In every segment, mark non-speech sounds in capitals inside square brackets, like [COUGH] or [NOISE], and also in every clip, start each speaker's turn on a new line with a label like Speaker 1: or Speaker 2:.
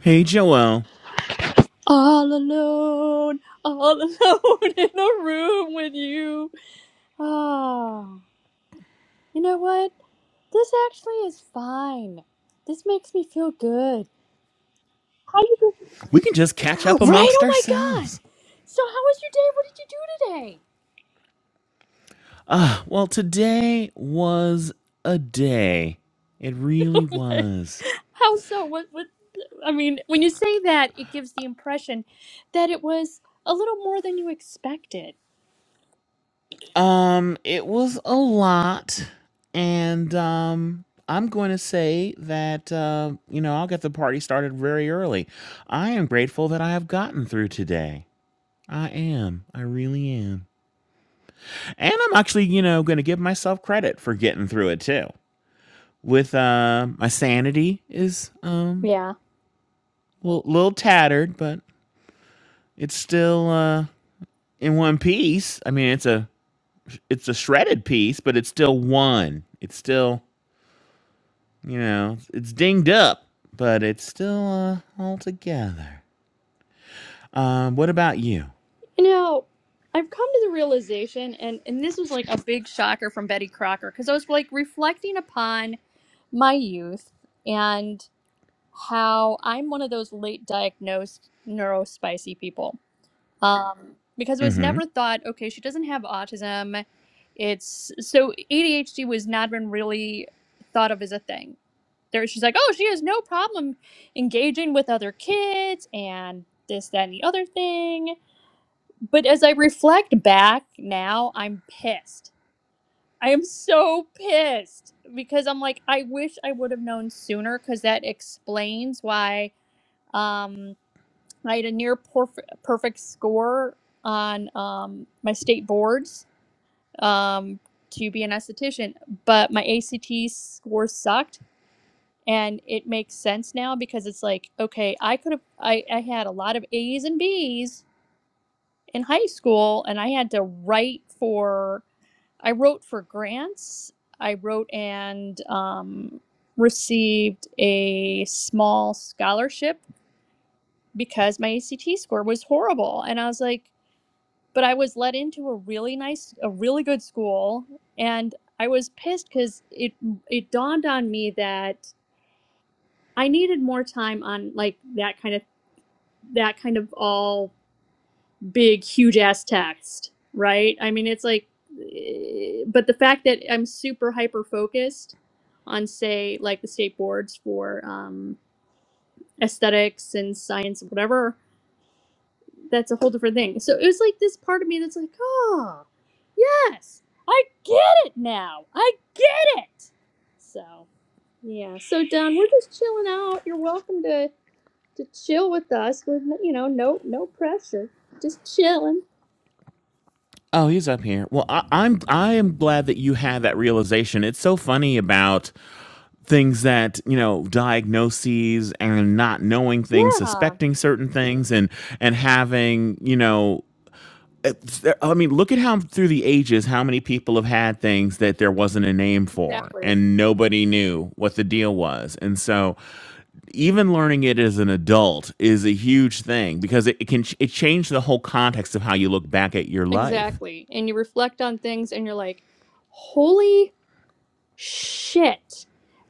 Speaker 1: Hey, Joelle.
Speaker 2: All alone, all [LAUGHS] alone in a room with you. Ah, you know what? This actually is fine. This makes me feel good. How you doing?
Speaker 1: We can just catch up
Speaker 2: [GASPS] Right?
Speaker 1: amongst
Speaker 2: Oh my god!
Speaker 1: ourselves.
Speaker 2: So how was your day? What
Speaker 1: Ah, well, today was a day. It really
Speaker 2: did you do today?
Speaker 1: was.
Speaker 2: [LAUGHS] how so? What? What? I mean, when you say that, it gives the impression that it was a little more than you expected.
Speaker 1: Um, it was a lot, and um, I'm going to say that uh, you know I'll get the party started very early. I am grateful that I have gotten through today. I am. I really am. And I'm actually, you know, going to give myself credit for getting through it too. With uh, my sanity is um
Speaker 2: Yeah.
Speaker 1: little, little tattered, but it's still uh, in one piece. I mean, it's a it's a shredded piece, but it's still one. It's still you know it's dinged up, but it's still uh, all together. Um, what about you?
Speaker 2: You know, I've come to the realization, and, and this was like a big shocker from Betty Crocker, because I was like reflecting upon my youth and how I'm one of those late diagnosed neurospicy people. Um, because it was
Speaker 1: Mm-hmm.
Speaker 2: never thought, okay, she doesn't have autism. It's so ADHD was not even really thought of as a thing. There, she's like, oh, she has no problem engaging with other kids and this, that, and the other thing but as I reflect back now, I'm pissed. I am so pissed because I'm like, I wish I would have known sooner because that explains why um, I had a near porf- perfect score on um, my state boards um, to be an esthetician, but my ACT score sucked. And it makes sense now because it's like, okay, I could have, I, I had a lot of A's and B's in high school and I had to write for I wrote for grants. I wrote and um, received a small scholarship because my ACT score was horrible. And I was like, but I was let into a really nice, a really good school. And I was pissed because it it dawned on me that I needed more time on like that kind of that kind of all big, huge ass text, right? I mean, it's like, eh, but the fact that I'm super hyper focused on, say, like the state boards for um, aesthetics and science and whatever, that's a whole different thing. So it was like this part of me that's like, oh, yes, I get it now. I get it. So, yeah. So, Don, we're just chilling out. You're welcome to. To chill with us, we're you know no no pressure, just chilling.
Speaker 1: Oh, he's up here. Well, I, I'm I am glad that you had that realization. It's so funny about things that you know diagnoses and not knowing things,
Speaker 2: Yeah.
Speaker 1: suspecting certain things, and and having you know I mean, look at how through the ages, how many people have had things that there wasn't a name for,
Speaker 2: Exactly.
Speaker 1: and nobody knew what the deal was. And so, even learning it as an adult is a huge thing because it, it can it changed the whole context of how you look back at your life.
Speaker 2: Exactly. And you reflect on things and you're like, holy shit.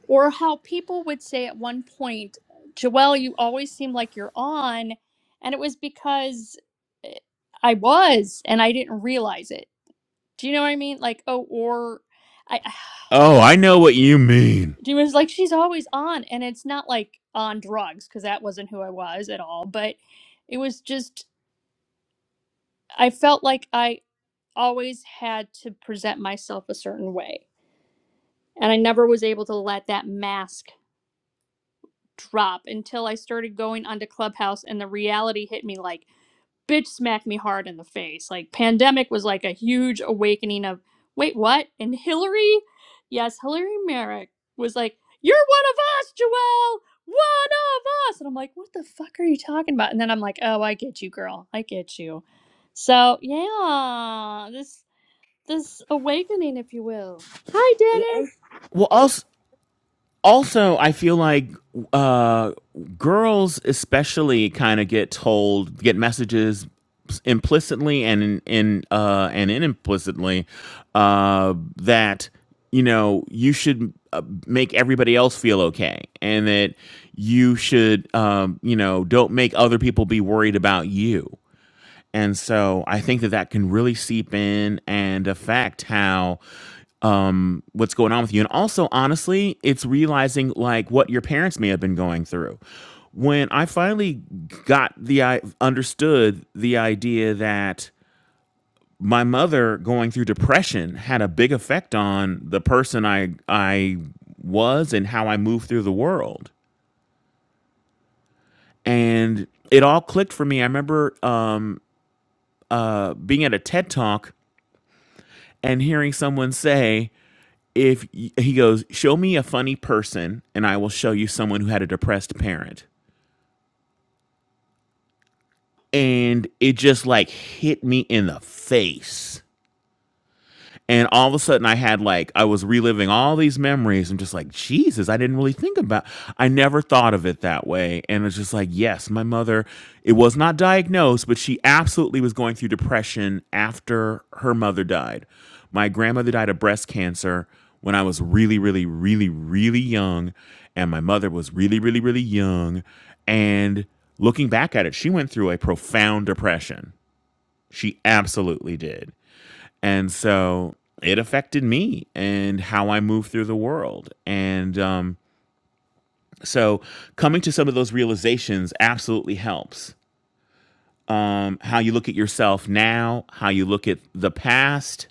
Speaker 2: Or how people would say at one point, Joelle, you always seem like you're on. And it was because eh, I was and I didn't realize it. Do you know what I mean? Like, oh, or I, [SIGHS]
Speaker 1: Oh, I know what you mean.
Speaker 2: it was like, she's always on. And it's not like on drugs because that wasn't who I was at all. But it was just, I felt like I. always had to present myself a certain way. And I never was able to let that mask drop until I started going onto Clubhouse and the reality hit me like, bitch smacked me hard in the face. Like, pandemic was like a huge awakening of, wait, what? And Hillary, yes, Hillary Merrick was like, you're one of us, Joelle! One of us! And I'm like, what the fuck are you talking about? And then I'm like, oh, I get you, girl. I get you. So, yeah, this this awakening, if you will. Hi, Dennis.
Speaker 1: Well, also. also i feel like uh girls especially kind of get told get messages implicitly and in, in uh and implicitly uh that you know you should uh, make everybody else feel okay and that you should um you know don't make other people be worried about you and so I think that that can really seep in and affect how um what's going on with you and also honestly it's realizing like what your parents may have been going through when i finally got the i understood the idea that my mother going through depression had a big effect on the person i i was and how i moved through the world and it all clicked for me i remember um uh, being at a ted talk and hearing someone say, if he goes, show me a funny person and I will show you someone who had a depressed parent. And it just
Speaker 2: Yes.
Speaker 1: like hit me in the face. and all of a sudden i had like i was reliving all these memories i'm just like jesus i didn't really think about i never thought of it that way and it's just like yes my mother it was not diagnosed but she absolutely was going through depression after her mother died my grandmother died of breast cancer when i was really really really really young and my mother was really really really young and looking back at it she went through a profound depression she absolutely did and so it affected me and how I move through the world. And um, so coming to some of those realizations absolutely helps. Um, how you look at yourself now, how you look at the past,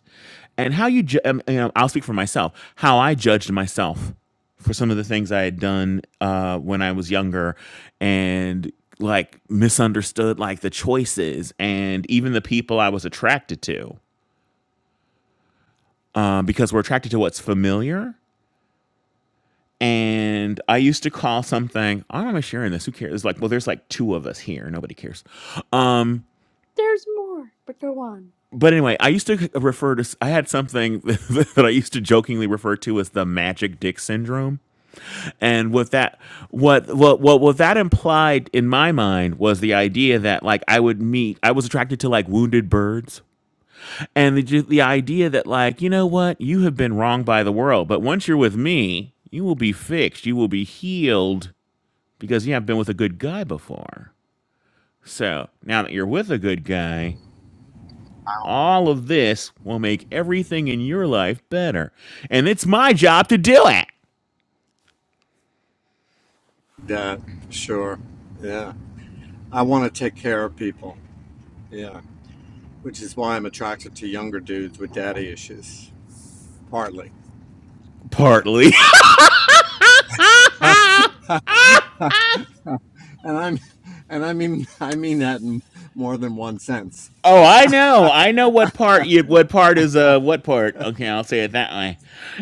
Speaker 1: and how you, ju- um, you know, I'll speak for myself, how I judged myself for some of the things I had done uh, when I was younger and like misunderstood like the choices and even the people I was attracted to uh, because we're attracted to what's familiar And I used to call something, "Oh, am I sharing this? Who cares? It's like, well, there's like two of us here. Nobody cares. Um,
Speaker 2: There's more, but go on.
Speaker 1: but anyway, I used to refer to, s- I had something [LAUGHS] that I used to jokingly refer to as the magic dick syndrome. And what that, what, what, what, what that implied in my mind was the idea that like I would meet, I was attracted to like wounded birds. And the, ju- the idea that like, you know what, you have been wronged by the world, but once you're with me, you will be fixed. You will be healed because you haven't been with a good guy before. So now that you're with a good guy, all of this will make everything in your life better. And it's my job to do it,
Speaker 3: Yeah, sure. Yeah. I want to take care of people. Yeah. Which is why I'm attracted to younger dudes with daddy issues. Partly. Yeah.
Speaker 1: partly. [LAUGHS]
Speaker 3: And I'm and I mean [LAUGHS] I mean that in more than one sense.
Speaker 1: Oh,
Speaker 3: But
Speaker 1: I
Speaker 3: [LAUGHS]
Speaker 1: know. I know what part you what part is uh what part. Okay, I'll say it that way.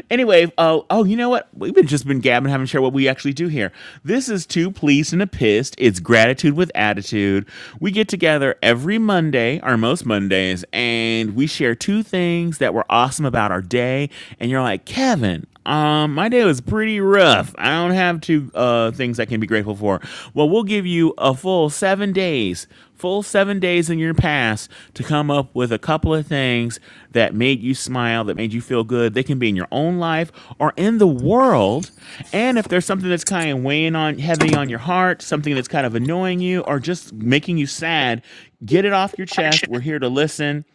Speaker 1: Anyway, oh oh, you know what? We've been just been gabbing, haven't shared what we actually do here. This is two pleased and a pissed. It's gratitude with attitude. We get together every Monday, or most Mondays, and we share two things that were awesome about our day. And you're like, Kevin, um, my day was pretty rough. I don't have two uh, things I can be grateful for more. Well, we'll give you a full seven days, full seven days in your past to come up with a couple of things that made you smile, that made you feel good. They can be in your own life or in the world. And if there's something that's kind of weighing on heavy on your heart, something that's kind of annoying you or just making you sad, get it off your chest. We're here to listen.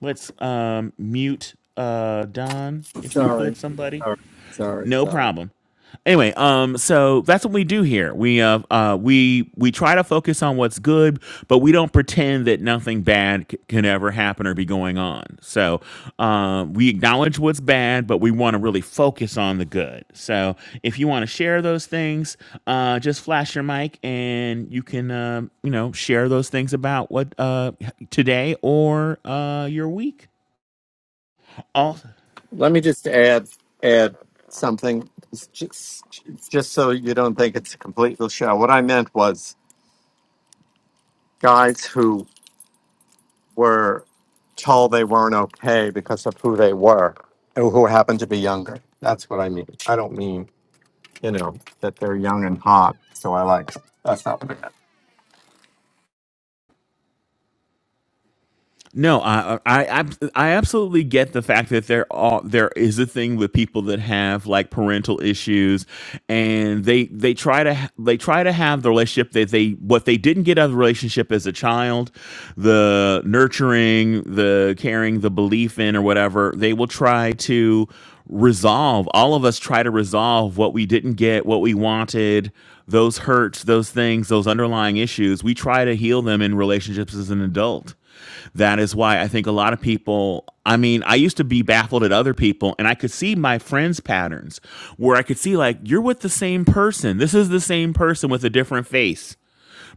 Speaker 1: Let's um, mute uh, Don, if we could,
Speaker 3: sorry.
Speaker 1: somebody.
Speaker 3: Sorry. Sorry.
Speaker 1: No
Speaker 3: Sorry.
Speaker 1: problem. Anyway, um, so that's what we do here. We uh, uh, we we try to focus on what's good, but we don't pretend that nothing bad c- can ever happen or be going on. So um, we acknowledge what's bad, but we want to really focus on the good. So if you want to share those things, uh, just flash your mic and you can uh, you know share those things about what uh, today or uh, your week. All
Speaker 3: Let me just add add something, just just so you don't think it's a complete show. What I meant was guys who were told they weren't okay because of who they were or who happened to be younger. That's what I mean. I don't mean, you know, that they're young and hot. So I like, that's not what I meant.
Speaker 1: No, I, I I I absolutely get the fact that there are there is a thing with people that have like parental issues, and they they try to ha- they try to have the relationship that they what they didn't get out of the relationship as a child, the nurturing, the caring, the belief in or whatever. They will try to resolve. All of us try to resolve what we didn't get, what we wanted, those hurts, those things, those underlying issues. We try to heal them in relationships as an adult that is why I think a lot of people, I mean, I used to be baffled at other people and I could see my friends' patterns where I could see, like, you're with the same person. This is the same person with a different face,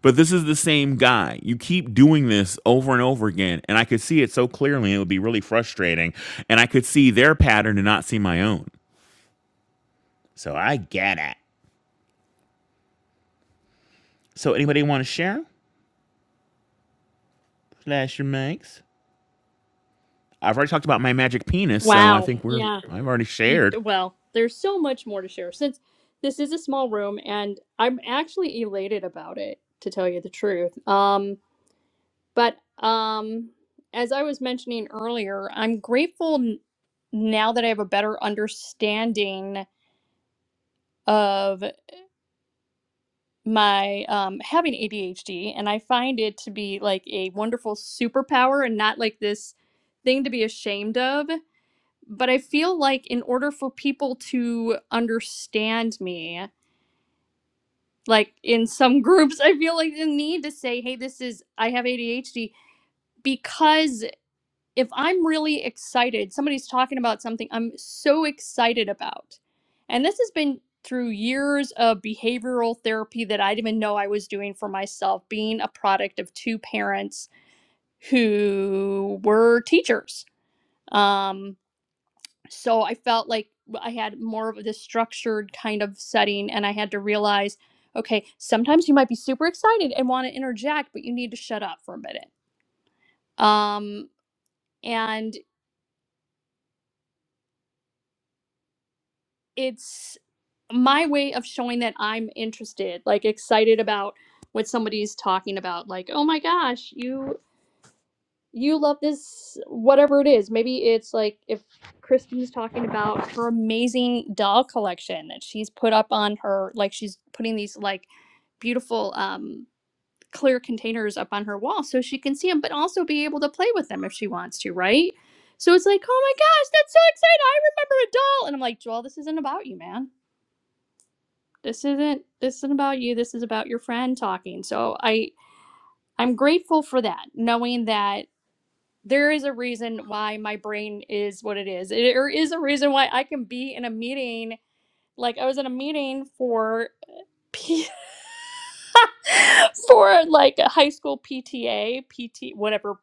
Speaker 1: but this is the same guy. You keep doing this over and over again. And I could see it so clearly. and It would be really frustrating. And I could see their pattern and not see my own. So I get it. So anybody want to share? Flash your mics. I've already talked about my magic penis, so I
Speaker 2: Wow.
Speaker 1: think we're,
Speaker 2: Yeah.
Speaker 1: I've already
Speaker 2: You
Speaker 1: shared.
Speaker 2: well, there's so much more to share since this is a small room, and I'm actually elated about it, to tell you the truth. Um, but um, as I was mentioning earlier, I'm grateful n- now that I have a better understanding of my um having ADHD and I find it to be like a wonderful superpower and not like this thing to be ashamed of but I feel like in order for people to understand me like in some [LAUGHS] groups I feel like the need to say hey this is I have ADHD because if I'm really excited, somebody's talking about something I'm so excited about. And this has been through years of behavioral therapy that I didn't even know I was doing for myself, being a product of two parents who were teachers. Um, so I felt like I had more of this structured kind of setting, and I had to realize okay, sometimes you might be super excited and want to interject, but you need to shut up for a minute. Um, and it's my way of showing that I'm interested, like excited about what somebody's talking about, like, oh my gosh, you you love this whatever it is. Maybe it's like if Kristen's talking about her amazing doll collection that she's put up on her like she's putting these like beautiful um clear containers up on her wall so she can see them but also be able to play with them if she wants to, right? So it's like, "Oh my gosh, that's so exciting. I remember a doll." And I'm like, "Joel, this isn't about you, man." this isn't this isn't about you this is about your friend talking so i i'm grateful for that knowing that there is a reason why my brain is what it is It- there is a reason why i can be in a meeting like i was in a meeting for P- [LAUGHS] for like a high school pta pt whatever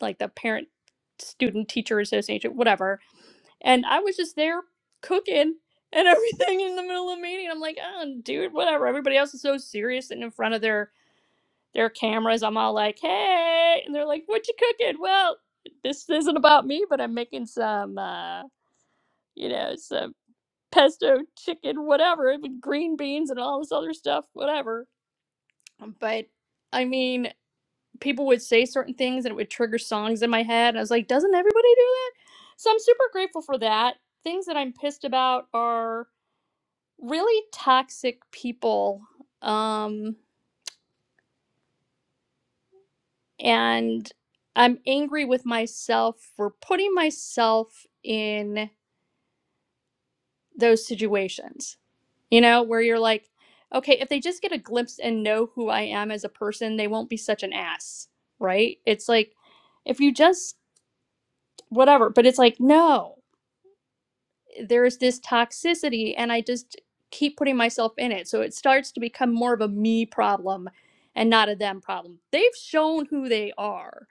Speaker 2: like the parent student teacher association whatever and i was just there cooking and [LAUGHS] everything in the middle of the meeting i'm like oh dude whatever everybody else is so serious and in front of their their cameras. I'm all like, hey. And they're like, what you cooking? Well, this isn't about me, but I'm making some, uh, you know, some pesto chicken, whatever, with green beans and all this other stuff, whatever. But I mean, people would say certain things and it would trigger songs in my head. And I was like, doesn't everybody do that? So I'm super grateful for that. Things that I'm pissed about are really toxic people. Um, and I'm angry with myself for putting myself in those situations, you know, where you're like, okay, if they just get a glimpse and know who I am as a person, they won't be such an ass, right? It's like, if you just, whatever, but it's like, no. there's this toxicity and I just keep putting myself in it. So it starts to become more of a me problem and not a them problem. They've shown who they are.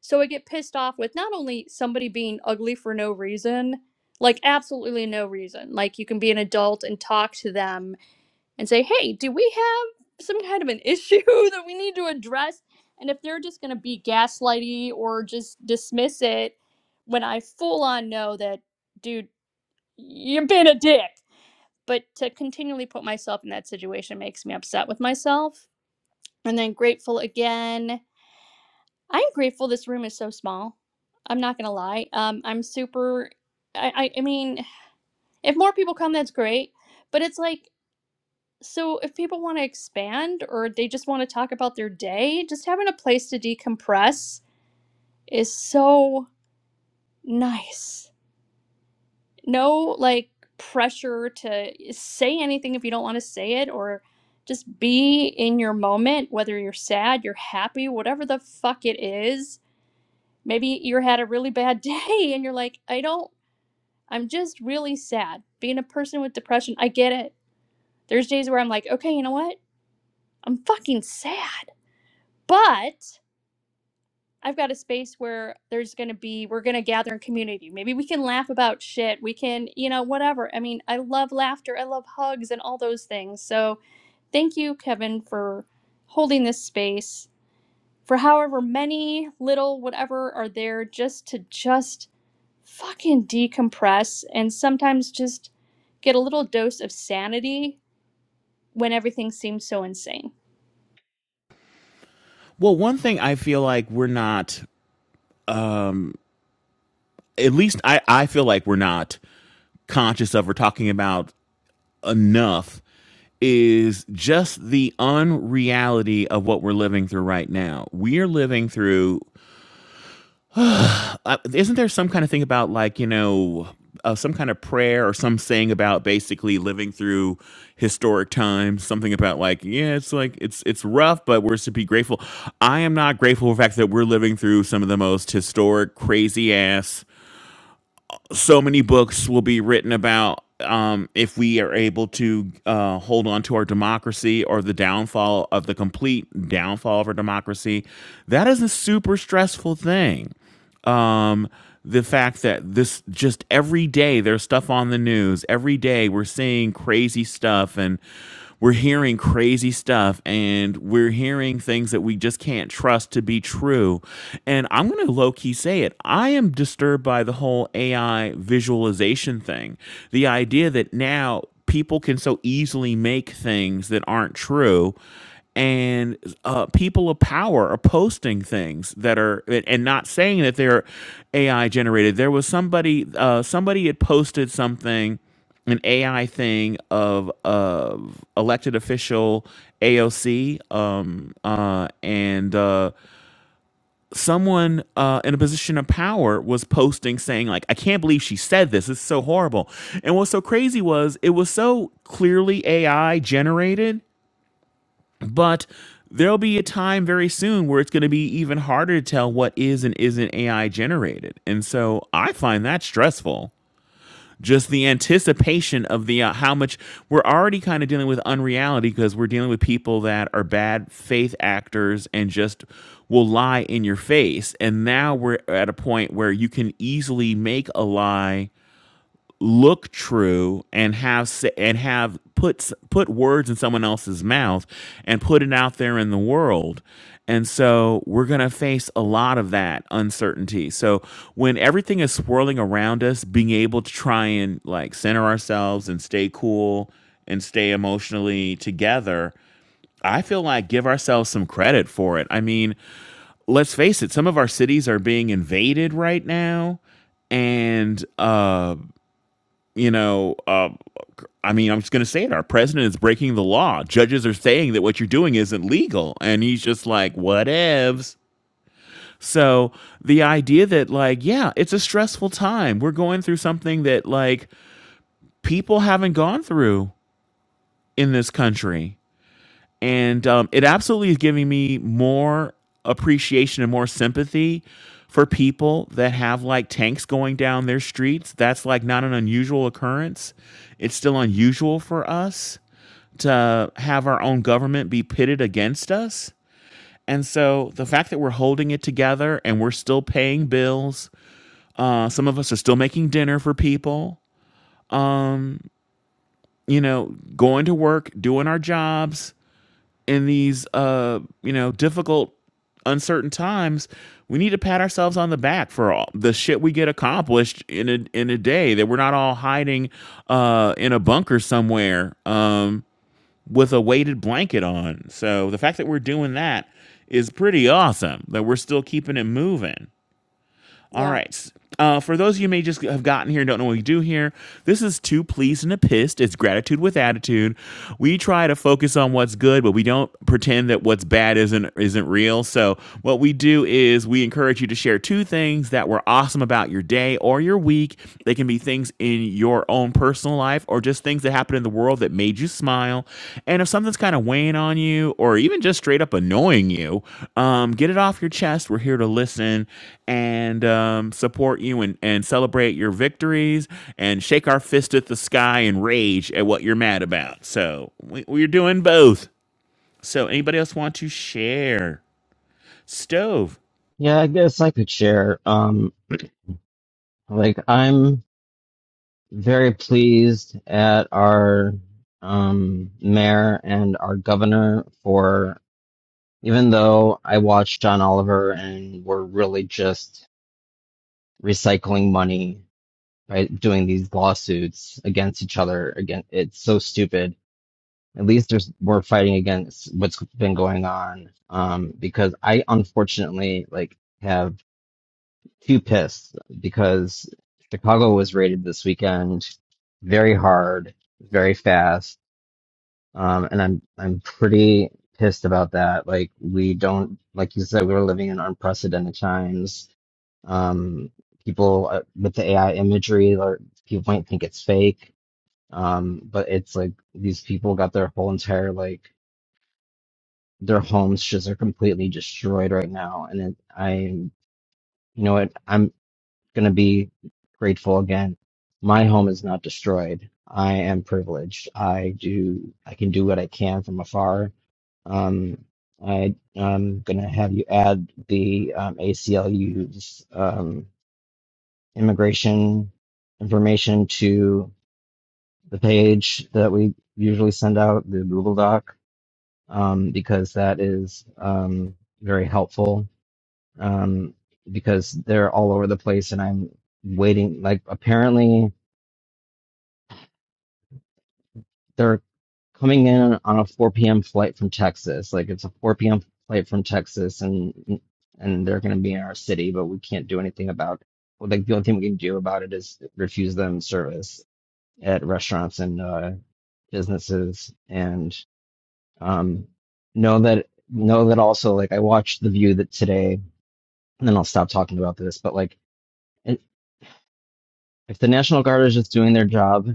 Speaker 2: So I get pissed off with not only somebody being ugly for no reason, like absolutely no reason. Like you can be an adult and talk to them and say, "Hey, do we have some kind of an issue [LAUGHS] that we need to address?" And if they're just going to be gaslighty or just dismiss it when I full on know that dude, you've been a dick. But to continually put myself in that situation makes me upset with myself. And then grateful again. I'm grateful this room is so small. I'm not gonna lie. Um, I'm super. I, I I mean, if more people come, that's great. But it's like, so if people want to expand or they just want to talk about their day, just having a place to decompress is so nice. no like pressure to say anything if you don't want to say it or just be in your moment whether you're sad you're happy whatever the fuck it is maybe you had a really bad [LAUGHS] day and you're like i don't i'm just really sad being a person with depression i get it there's days where i'm like okay you know what i'm fucking sad but I've got a space where there's going to be, we're going to gather in community. Maybe we can laugh about shit. We can, you know, whatever. I mean, I love laughter. I love hugs and all those things. So thank you, Kevin, for holding this space for however many little whatever are there just to just fucking decompress and sometimes just get a little dose of sanity when everything seems so insane.
Speaker 1: Well, one thing I feel like we're not, at least I, I feel like we're not conscious of or talking about enough is just the unreality of what we're living through right now. We're living through, uh, isn't there some kind of thing about like, you know, uh, some kind of prayer or some saying about basically living through historic times something about like yeah it's like it's it's rough but we're to be grateful i am not grateful for the fact that we're living through some of the most historic crazy ass so many books will be written about um, if we are able to uh, hold on to our democracy or the downfall of the complete downfall of our democracy. That is a super stressful thing um, the fact that this just every day there's stuff on the news. Every day we're seeing crazy stuff and we're hearing crazy stuff and we're hearing things that we just can't trust to be true. And I'm going to low key say it. I am disturbed by the whole AI visualization thing. The idea that now people can so easily make things that aren't true and uh, people of power are posting things that are and not saying that they're AI generated. There was somebody uh, somebody had posted something, an AI thing of of elected official AOC, um, uh, and uh, someone uh, in a position of power was posting saying like, "I can't believe she said this. It's so horrible." And what's so crazy was it was so clearly AI generated but there'll be a time very soon where it's going to be even harder to tell what is and isn't AI generated. And so I find that stressful. Just the anticipation of the uh, how much we're already kind of dealing with unreality because we're dealing with people that are bad faith actors and just will lie in your face. And now we're at a point where you can easily make a lie look true and have and have put put words in someone else's mouth and put it out there in the world. And so we're going to face a lot of that uncertainty. So when everything is swirling around us, being able to try and like center ourselves and stay cool and stay emotionally together, I feel like give ourselves some credit for it. I mean, let's face it, some of our cities are being invaded right now and uh you know, uh, I mean, I'm just going to say it. Our president is breaking the law. Judges are saying that what you're doing isn't legal. And he's just like, whatevs. So the idea that, like, yeah, it's a stressful time. We're going through something that, like, people haven't gone through in this country and um, it absolutely is giving me more appreciation and more sympathy for people that have like tanks going down their streets. That's like not an unusual occurrence. It's still unusual for us to have our own government be pitted against us. And so the fact that we're holding it together and we're still paying bills, uh, some of us are still making dinner for people, you know, going to work, doing our jobs, in these uh you know difficult uncertain times we need to pat ourselves on the back for all the shit we get accomplished in a in a day that we're not all hiding uh in a bunker somewhere um with a weighted blanket on so the fact that we're doing that is pretty awesome that we're still keeping it moving all
Speaker 2: Yeah.
Speaker 1: right. Uh, for those of you who may just have gotten here and don't know what we do here, this is two pleased and a pissed. It's gratitude with attitude. We try to focus on what's good, but we don't pretend that what's bad isn't isn't real. So what we do is we encourage you to share two things that were awesome about your day or your week. They can be things in your own personal personal life or just things that happened in the world that made you smile. And if something's kind of weighing on you or even just straight up annoying you, um, get it off your chest. We're here to listen and um, support you and, and celebrate your victories and shake our fist at the sky and rage at what you're mad about. So we, we're doing both. So anybody else want to share? Stove.
Speaker 4: Yeah, I guess I could share. Um, like I'm very pleased at our um mayor and our governor for even though I watched John Oliver and we're really just recycling money by doing these lawsuits against each other. Again, it's so stupid. At least there's we're fighting against what's been going on. Um, because I unfortunately like have. too pissed because Chicago was rated this weekend very hard, very fast, um, and I'm I'm pretty pissed about that. Like we don't, like you said, we we're living in unprecedented times. Um, people uh, with the AI imagery, or people might think it's fake, um, but it's like these people got their whole entire like their homes just are completely destroyed right now, and it, I, you know what, I'm. going to be grateful again. My home is not destroyed. I am privileged. I do. I can do what I can from afar. Um, I, I'm going to have you add the um, ACLU's um, immigration information to the page that we usually send out, the Google Doc, um, because that is um, very helpful. Um, because they're all over the place, and I'm waiting. Like apparently they're coming in on a 4 p.m. flight from Texas. Like it's a 4 p.m. flight from Texas, and and they're going to be in our city, but we can't do anything about. Well, like the only thing we can do about it is refuse them service at restaurants and uh, businesses, and um, know that know that also. Like I watched The View that today, and then I'll stop talking about this. But like, it, if the National Guard is just doing their job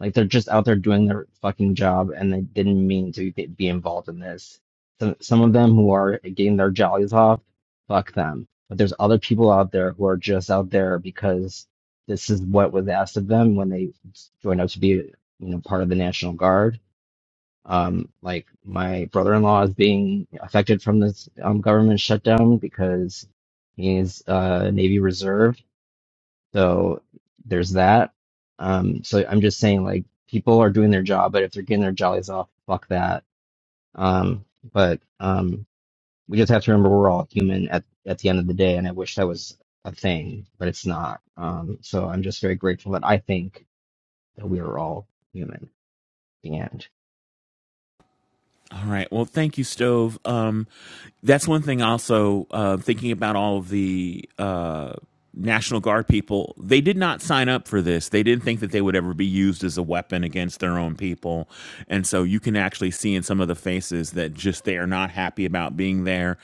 Speaker 4: Like they're just out there doing their fucking job and they didn't mean to get, be involved in this. So some of them who are getting their jollies off, fuck them. But there's other people out there who are just out there because this is what was asked of them when they joined up to be, you know, part of the National Guard. Um, like my brother-in-law is being affected from this um, government shutdown because he's a uh, Navy Reserve so there's that. Um, so I'm just saying, like, people are doing their job, but if they're getting their jollies off, fuck that. Um, but um, we just have to remember we're all human at at the end of the day, and I wish that was a thing, but it's not. Um, so I'm just very grateful that I think that we are all human. And
Speaker 1: All right. Well, thank you, Stove. Um, that's one thing. Also, uh, thinking about all of the uh, National Guard people, they did not sign up for this. They didn't think that they would ever be used as a weapon against their own people, and so you can actually see in some of the faces that just they are not happy about being there,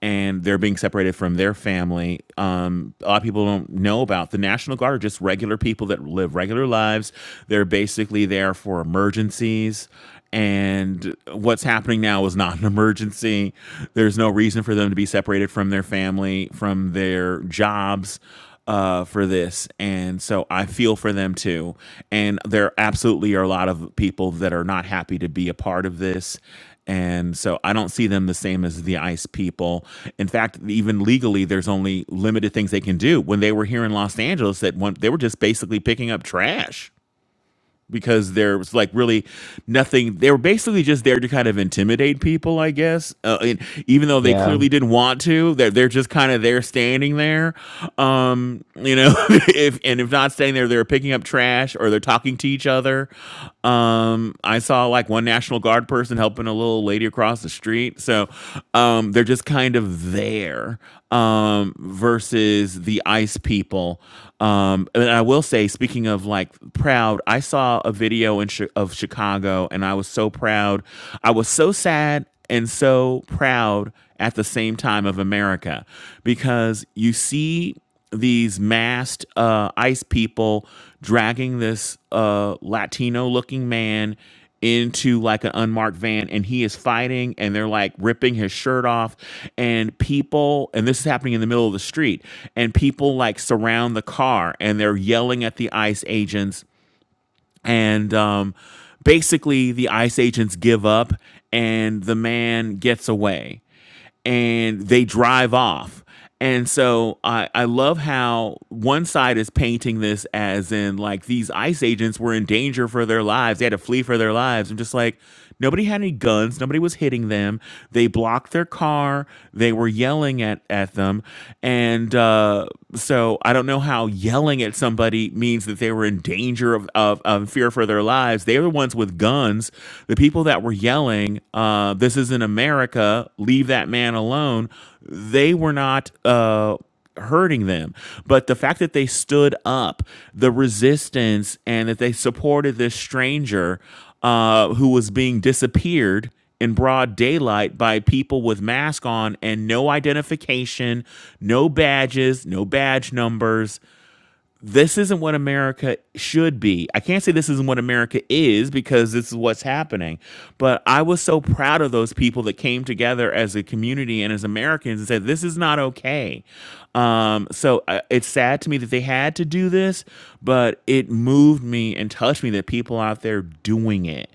Speaker 1: and they're being separated from their family. Um, a lot of people don't know about the National Guard are just regular people that live regular lives. They're basically there for emergencies and what's happening now is not an emergency. There's no reason for them to be separated from their family, from their jobs uh, for this. And so I feel for them too. And there absolutely are a lot of people that are not happy to be a part of this. And so I don't see them the same as the ICE people. In fact, even legally, there's only limited things they can do. When they were here in Los Angeles, that one, they were just basically picking up trash because there was like really nothing. They were basically just there to kind of intimidate people, I guess. Uh, and even though they
Speaker 4: yeah,
Speaker 1: clearly didn't want to, they're they're just kind of there standing there. Um, you know, [LAUGHS] if and if not standing there, they're picking up trash or they're talking to each other. Um, I saw like one National Guard person helping a little lady across the street. So, um, they're just kind of there um, versus the ice people. Um, and I will say, speaking of like proud proud. I saw a video in chi- of Chicago and I was so proud. I was so sad and so proud at the same time of America because you see these masked uh, ICE people dragging this uh, Latino looking man into like an unmarked van and he is fighting and they're like ripping his shirt off and people and this is happening in the middle of the street and people like surround the car and they're yelling at the ICE agents and um, basically the ice agents give up and the man gets away and they drive off. And so I, I love how one side is painting this as in like these ICE agents were in danger for their lives. They had to flee for their lives. I'm just like, nobody had any guns. Nobody was hitting them. They blocked their car. They were yelling at, at them. And uh, so I don't know how yelling at somebody means that they were in danger of, of, of fear for their lives. They were the ones with cons with guns. The people that were yelling, uh, "This isn't America! Leave that man alone!" They were not. Uh, hurting them but the fact that they stood up the resistance and that they supported this stranger uh, who was being disappeared in broad daylight by people with masks on and no identification, no badges, no badge numbers, this isn't what America should be. I can't say this isn't what America is because this is what's happening. But I was so proud of those people that came together as a community and as Americans and said, this is not okay. Um, so uh, it's sad to me that they had to do this, but it moved me and touched me that people out there doing it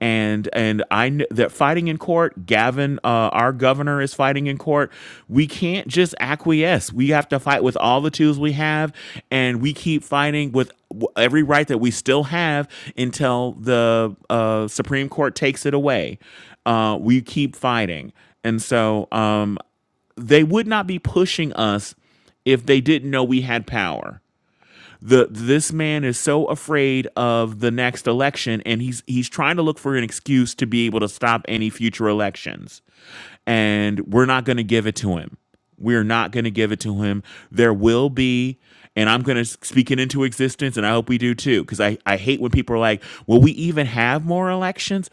Speaker 1: and and I kn- that fighting in court, Gavin, uh, our governor is fighting in court. We can't just acquiesce. We have to fight with all the tools we have, and we keep fighting with every right that we still have until the uh, Supreme Court takes it away. Uh, we keep fighting, and so um, they would not be pushing us if they didn't know we had power the this man is so afraid of the next election and he's he's trying to look for an excuse to be able to stop any future elections and we're not going to give it to him we're not going to give it to him there will be and i'm going to speak it into existence and i hope we do too because I, I hate when people are like will we even have more elections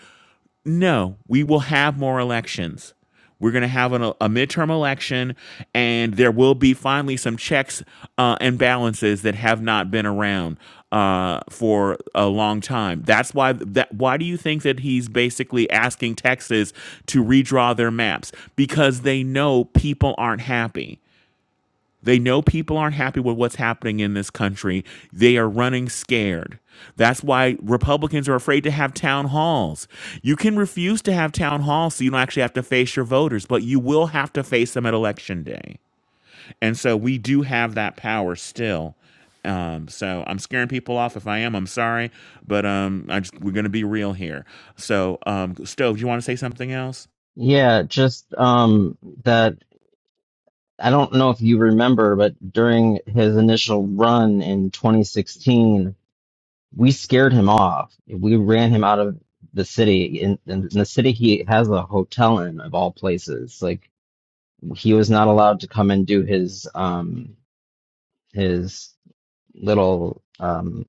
Speaker 1: no, we will have more elections. We're going to have an, a midterm election, and there will be finally some checks uh, and balances that have not been around uh, for a long time. That's why. That why do you think that he's basically asking Texas to redraw their maps because they know people aren't happy. They know people aren't happy with what's happening in this country. They are running scared. That's why Republicans are afraid to have town halls. You can refuse to have town halls so you don't actually have to face your voters, but you will have to face them at election day. And so we do have that power still. Um, so I'm scaring people off. If I am, I'm sorry, but um, I just, we're going to be real here. So, um, Stove, do you want to say something else?
Speaker 4: yeah, just um, that. I don't know if you remember, but during his initial run in 2016, we scared him off. We ran him out of the city. In, in the city, he has a hotel in, of all places. Like he was not allowed to come and do his um his little um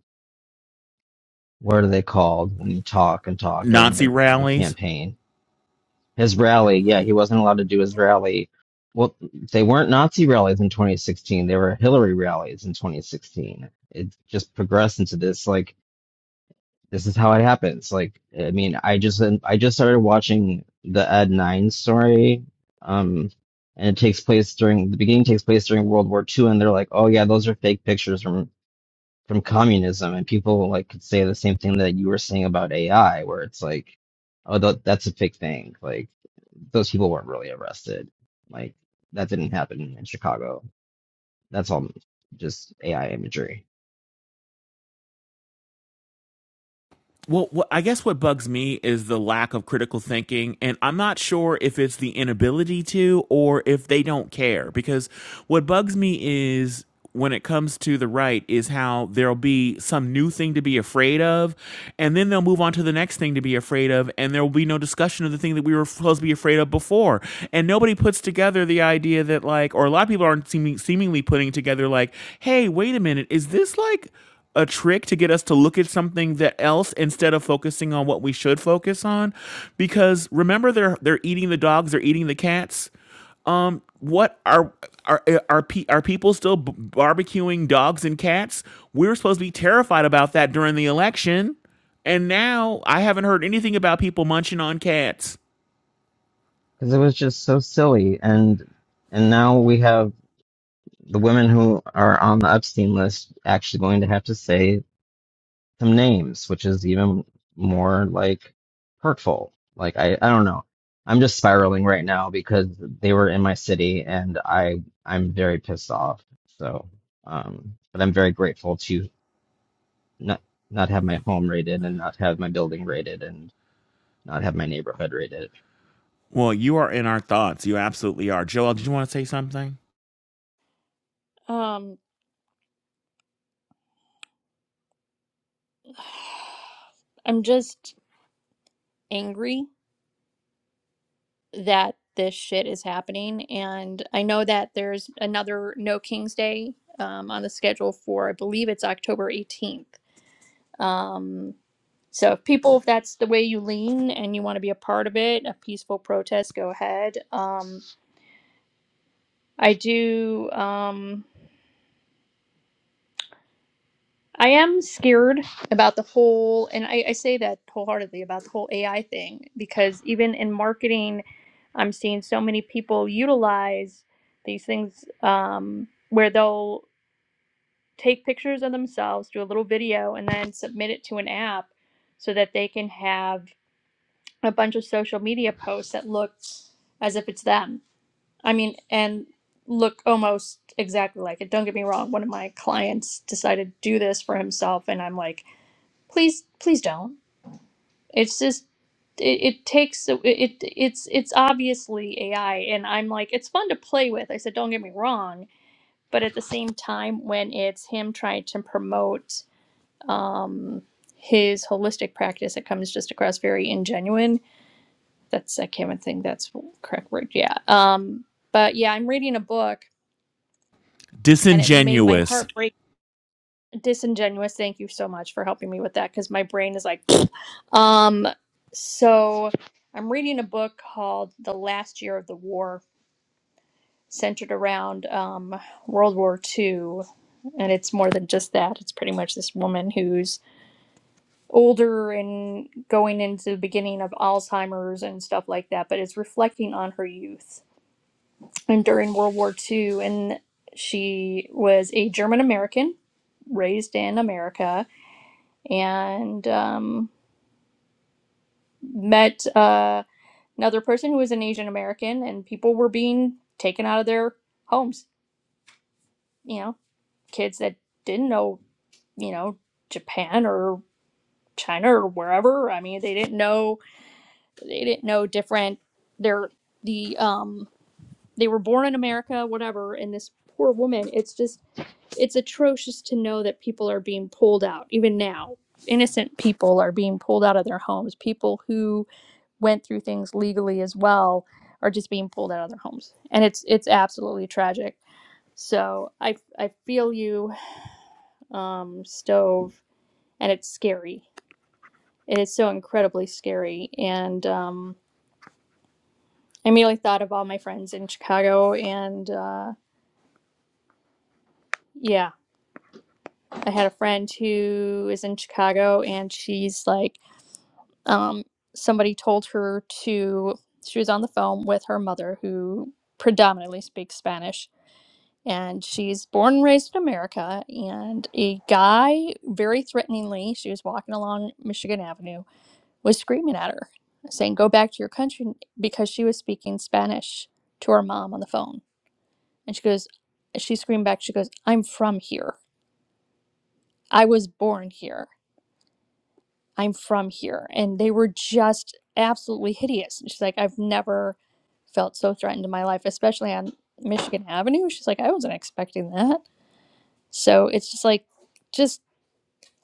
Speaker 4: what are they called when you talk and talk during
Speaker 1: Nazi
Speaker 4: your, your
Speaker 1: rallies.
Speaker 4: campaign? His rally. Yeah, he wasn't allowed to do his rally. Well, they weren't Nazi rallies in 2016. They were Hillary rallies in 2016. It just progressed into this like this is how it happens. Like, I mean, I just I just started watching the Ed Nine story, um, and it takes place during the beginning takes place during World War Two, and they're like, oh yeah, those are fake pictures from from communism, and people like could say the same thing that you were saying about AI, where it's like, oh, th- that's a fake thing. Like, those people weren't really arrested. Like, that didn't happen in Chicago. That's all just AI imagery
Speaker 1: Well, what, I guess what bugs me is the lack of critical thinking, and I'm not sure if it's the inability to or if they don't care. Because what bugs me is when it comes to the right is how there'll be some new thing to be afraid of, and then they'll move on to the next thing to be afraid of, and there will be no discussion of the thing that we were supposed to be afraid of before. And nobody puts together the idea that like, or a lot of people aren't seeming, seemingly putting together like, hey, wait a minute, is this like a trick to get us to look at something that else instead of focusing on what we should focus on because remember they're they're eating the dogs they're eating the cats what are are are, pe- are people still b- barbecuing dogs and cats we were supposed to be terrified about that during the election and now i haven't heard anything about people munching on cats
Speaker 4: because it was just so silly and and now we have the women who are on the Epstein list actually going to have to say some names, which is even more like hurtful. Like I, I don't know. I'm just spiraling right now because they were in my city and I, I'm very pissed off. So, um, but I'm very grateful to not not have my home raided and not have my building raided and not have my neighborhood raided.
Speaker 1: well you are in our thoughts you absolutely are joel did you want to say something
Speaker 2: Um, [SIGHS] I'm just angry that this shit is happening. And I know that there's another No King's Day um, on the schedule for, I believe it's October 18th. Um, so if people, if that's the way you lean and you want to be a part of it, a peaceful protest, go ahead. Um, I do. Um, I am scared about the whole, and I, I say that wholeheartedly about the whole AI thing because even in marketing, I'm seeing so many people utilize these things um, where they'll take pictures of themselves, do a little video, and then submit it to an app so that they can have a bunch of social media posts that look as if it's them. I mean, and look almost exactly like it. Don't get me wrong. One of my clients decided to do this for himself, and I'm like, please please don't it's just it, it takes it it- it's it's obviously ai and i'm like it's fun to play with i said don't get me wrong but at the same time when it's him trying to promote um his holistic practice it comes just across very ingenuine that's i can't even think that's the correct word yeah um but yeah i'm reading a book and it made my
Speaker 1: disingenuous
Speaker 2: heart break disingenuous. Thank you so much for helping me with that because my brain is like, [SNIFFS] um. So I'm reading a book called The Last Year of the War, centered around um, World War II, and it's more than just that. It's pretty much this woman who's older and going into the beginning of Alzheimer's and stuff like that, but it's reflecting on her youth and during World War II. And she was a German American raised in America and um, met uh, another person who was an Asian American, and people were being taken out of their homes. You know, kids that didn't know, you know, Japan or China or wherever. I mean, they didn't know. They didn't know different. They're the um, they were born in America, whatever. And this poor woman, it's just it's atrocious to know that people are being pulled out even now. Innocent people are being pulled out of their homes. People who went through things legally as well are just being pulled out of their homes and it's it's absolutely tragic so i i feel you um stove and it's scary it is so incredibly scary and um i immediately thought of all my friends in chicago and uh yeah i had a friend who is in chicago and she's like um somebody told her to she was on the phone with her mother who predominantly speaks spanish and she's born and raised in America. And a guy, very threateningly, she was walking along Michigan Avenue, was screaming at her, saying, Go back to your country because she was speaking Spanish to her mom on the phone. And she goes, She screamed back, She goes, I'm from here. I was born here. I'm from here. And they were just absolutely hideous. And she's like, I've never felt so threatened in my life, especially on Michigan Avenue. She's like, I wasn't expecting that. So it's just like, just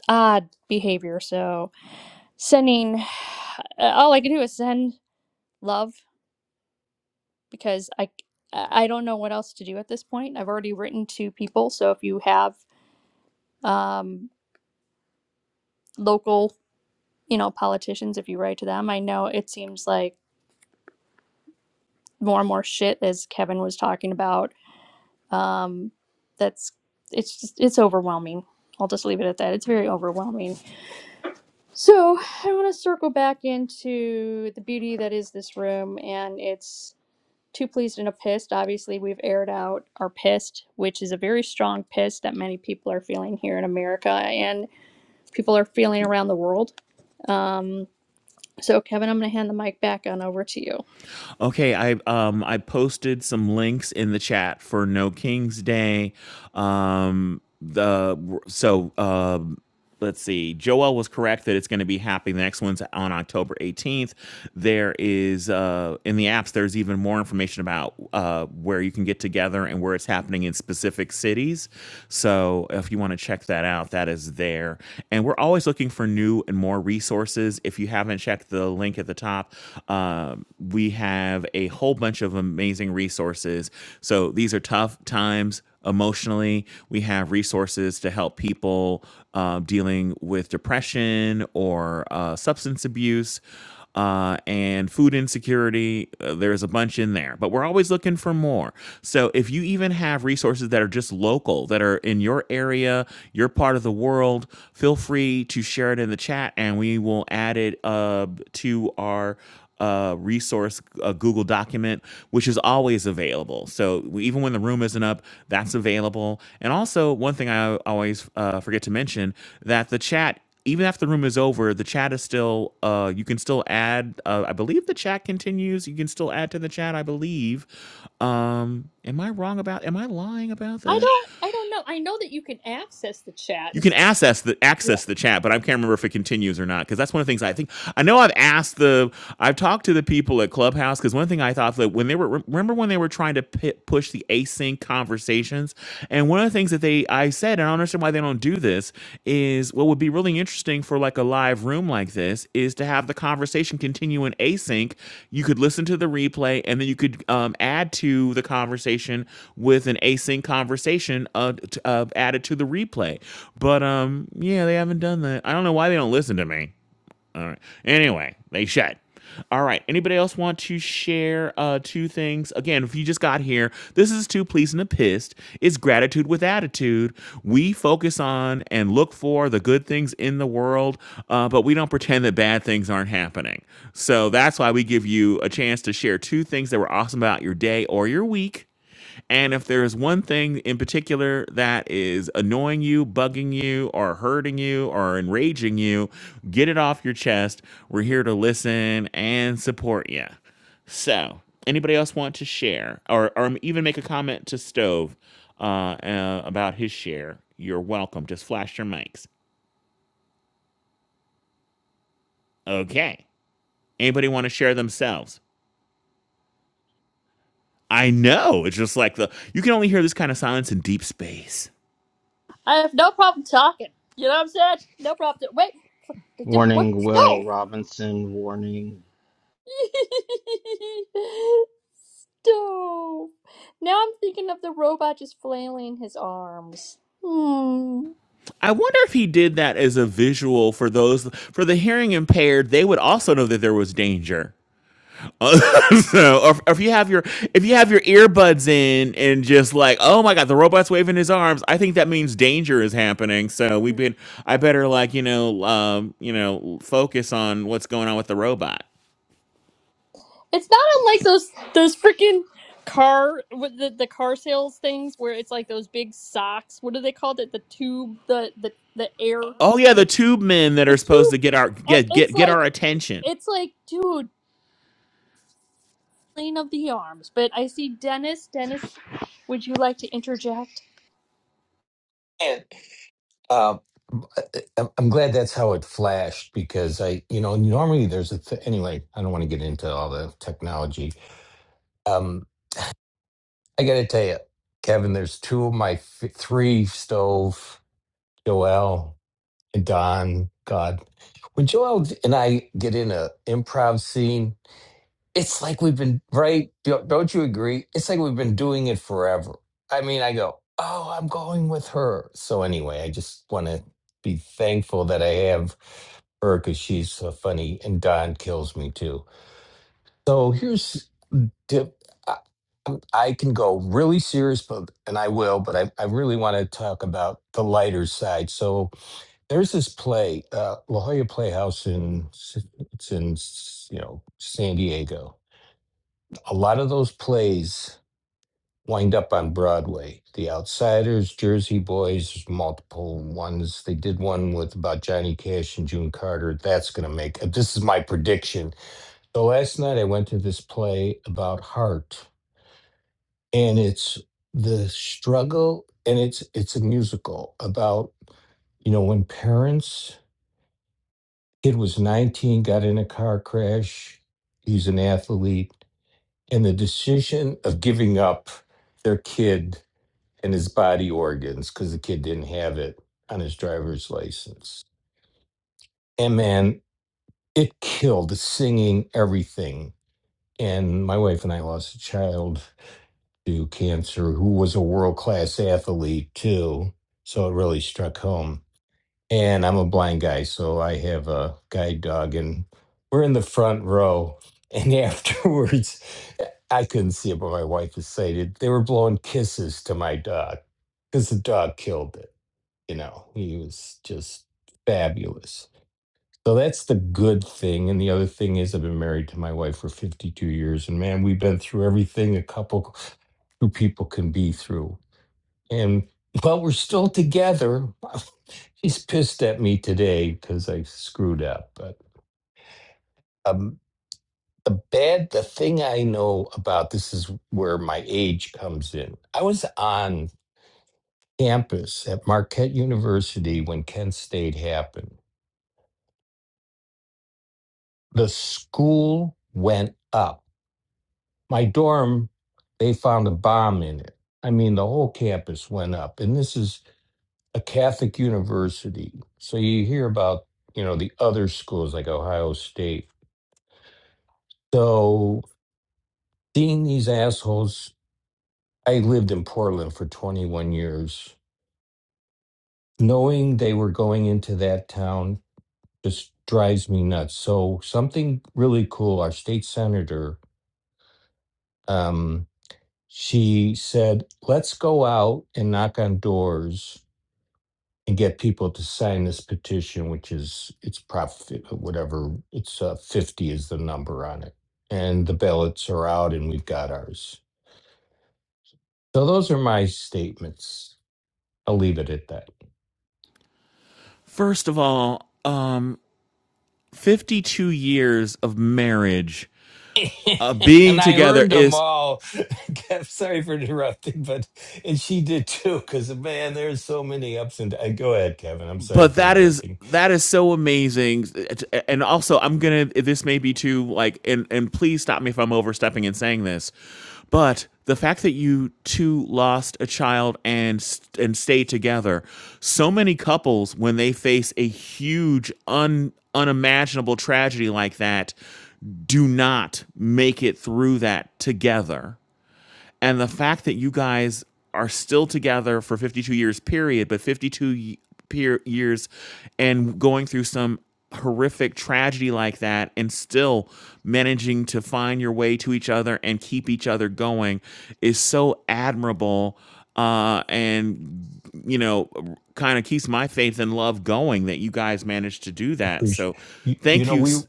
Speaker 2: odd behavior. So sending, uh, all I can do is send love because I I don't know what else to do at this point. I've already written to people, so if you have um, local, you know, politicians, if you write to them, I know it seems like more and more shit, as Kevin was talking about. Um, that's it's just it's overwhelming. I'll just leave it at that. It's very overwhelming. So I want to circle back into the beauty that is this room, and it's Too pleased and a pissed. Obviously, we've aired out our pissed, which is a very strong piss that many people are feeling here in America and people are feeling around the world. Um, so, Kevin, I'm going to hand the mic back on over to you.
Speaker 1: Okay, I um I posted some links in the chat for No King's Day. Um the so um let's see. Joel was correct that it's going to be happening. The next one's on October 18th. There is uh in the apps there's even more information about uh where you can get together and where it's happening in specific cities. So if you want to check that out, that is there. And we're always looking for new and more resources. If you have you haven't checked the link at the top, um, we have a whole bunch of amazing resources. So these are tough times emotionally. We have resources to help people um, dealing with depression or uh, substance abuse uh, and food insecurity. Uh, there's a bunch in there, but we're always looking for more. So if you even have resources that are just local, that are in your area, your part of the world, feel free to share it in the chat, and we will add it uh, to our uh, resource, a Google document, which is always available. So we- even when the room isn't up, that's available. And also, one thing I always uh, forget to mention that the chat even after the room is over, the chat is still. Uh, you can still add. Uh, I believe the chat continues. You can still add to the chat. I believe. Um, am I wrong about? Am I lying about
Speaker 2: I
Speaker 1: that?
Speaker 2: don't, I don't know. I know that you can access the chat,
Speaker 1: You
Speaker 2: and
Speaker 1: can
Speaker 2: see-
Speaker 1: access the
Speaker 2: yeah.
Speaker 1: access the chat, but I can't remember if it continues or not because that's one of the things I think. I know I've asked the. I've talked to the people at Clubhouse because one thing I thought that when they were remember when they were trying to pi push the async conversations, and one of the things that they I said and I don't understand why they don't do this is what would be really really interesting for like a live room like this is to have the conversation continue in async. You could listen to the replay and then you could um, add to the conversation with an async conversation uh, t- uh, added to the replay. But um, yeah, they haven't done that. I don't know why they don't listen to me. All right. Anyway, they should. All right. Anybody else want to share uh, two things? Again, if you just got here, this is Two Pleas and a Pissed. It's gratitude with attitude. We focus on and look for the good things in the world, uh, but we don't pretend that bad things aren't happening. So that's why we give you a chance to share two things that were awesome about your day or your week and if there is one thing in particular that is annoying you, bugging you, or hurting you, or enraging you, get it off your chest. We're here to listen and support you. So, anybody else want to share or, or even make a comment to Stove uh, uh, about his share? You're welcome. Just flash your mics. Okay. Anybody want to share themselves? I know. It's just like the, you can only hear this kind of silence in deep space.
Speaker 2: I have no problem talking. You know what I'm saying? No problem. Wait, d- wait,
Speaker 4: Warning,
Speaker 2: stop, [LAUGHS]
Speaker 4: Will Robinson. Warning.
Speaker 2: stop. Now I'm thinking of the robot just flailing his arms. Hmm.
Speaker 1: I wonder if he did that as a visual for those for the hearing impaired. They would also know that there was danger. [LAUGHS] so, or, or if you have your if you have your earbuds in and just like, oh my god, the robot's waving his arms. I think that means danger is happening. So we've been. I better like you know um, you know focus on what's going on with the robot.
Speaker 2: It's not unlike those those freaking car with the, the car sales things where it's like those big socks. What do they call it? The tube, the the the air,
Speaker 1: Oh yeah, the tube men that
Speaker 2: the
Speaker 1: are supposed
Speaker 2: tube.
Speaker 1: to get our
Speaker 2: And
Speaker 1: get get
Speaker 2: it's
Speaker 1: get
Speaker 2: like
Speaker 1: our attention.
Speaker 2: it's like, dude, clean of the arms. But I see Dennis. Dennis, would you like to interject?
Speaker 5: And Um, I'm I'm glad that's how it flashed because I, you know, normally there's a th- anyway. I don't want to get into all the technology. Um, I got to tell you, Kevin, there's two of my f- three stove, Joel and Don. God, when Joel and I get in a improv scene, it's like we've been right don't don't you agree it's like we've been doing it forever i mean i go oh i'm going with her so anyway i just want to be thankful that i have her because she's so funny and don kills me too so here's tip I, I'm- I can go really serious but and i will but i, I really want to talk about the lighter side so there's this play uh, la jolla playhouse in S- it's in S- you know san diego a lot of those plays wind up on Broadway. The Outsiders, Jersey Boys, multiple ones. They did one with about Johnny Cash and June Carter. That's going to make it. this is my prediction. So last night I went to this play about heart, and it's the struggle, and it's it's a musical about you know when parents kid was 19 got in a car crash he's an athlete and the decision of giving up their kid in his body organs because the kid didn't have it on his driver's license. And man, it killed the singing, everything. And my wife and I lost a child to cancer who was a world class athlete too. So it really struck home. And I'm a blind guy, so I have a guide dog, and we're in the front row. And [LAUGHS] afterwards, I couldn't see it, but my wife was sighted. They were blowing kisses to my dog because the dog killed it You know, he was just fabulous. So that's the good thing. And the other thing is, I've been married to my wife for 52 years. And man, we've been through everything a couple, two people can be through. And while we're still together, [LAUGHS] she's pissed at me today because I screwed up. But um, the bad, the thing I know about this is where my age comes in. I was on campus at Marquette University when Kent State happened The school went up. My dorm, they found a bomb in it. I mean, the whole campus went up. And this is a Catholic university. So you hear about, you know, the other schools like Ohio State. So seeing these assholes, I lived in Portland for 21 years. Knowing they were going into that town just drives me nuts. So something really cool, our state senator, um, she said, let's go out and knock on doors and get people to sign this petition, which is it's profit whatever it's uh, 50 is the number on it. And the ballots are out and we've got ours. So those are my statements. I'll leave it at that.
Speaker 1: First of all, um, 52 years of marriage uh,
Speaker 5: [LAUGHS] and
Speaker 1: being
Speaker 5: I
Speaker 1: together
Speaker 5: earned them
Speaker 1: is
Speaker 5: all. [LAUGHS] Kev, Sorry for interrupting, but and she did too. Because man, there's so many ups and downs. Go ahead, Kevin. I'm sorry
Speaker 1: but
Speaker 5: for
Speaker 1: that is
Speaker 5: interrupting.
Speaker 1: that is so amazing and also i'm gonna this may be too like and and please stop me if i'm overstepping and saying this but the fact that you two lost a child and and stay together so many couples when they face a huge un unimaginable tragedy like that do not make it through that together and the fact that you guys are still together for 52 years period but 52 y- peer years and going through some horrific tragedy like that and still managing to find your way to each other and keep each other going is so admirable uh, and you know kind of keeps my faith and love going that you guys managed to do that
Speaker 5: Appreciate
Speaker 1: so
Speaker 5: you, you
Speaker 1: thank
Speaker 5: know
Speaker 1: you
Speaker 5: we you
Speaker 1: s-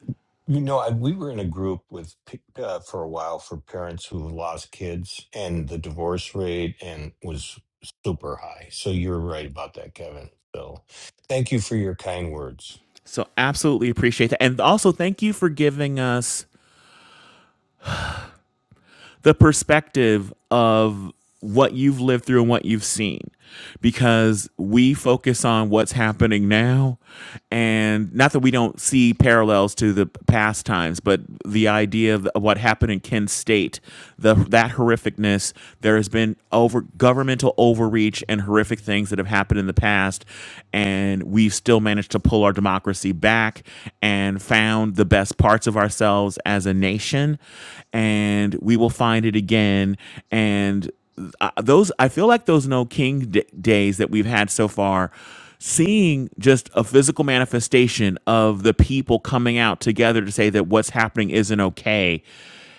Speaker 5: know I, we were in a group with p- uh, for a while for parents who lost kids and the divorce rate and was super high. So you're right about that, Kevin. So thank you for your kind words.
Speaker 1: so absolutely appreciate that and also thank you for giving us the perspective of what you've lived through and what you've seen because we focus on what's happening now and not that we don't see parallels to the past times but the idea of what happened in Kent State the that horrificness there has been over governmental overreach and horrific things that have happened in the past and we've still managed to pull our democracy back and found the best parts of ourselves as a a nation, and we will find it again. And uh, those, I feel like those no king d- days that we've had so far, seeing just a physical manifestation of the people coming out together to say that what's happening isn't okay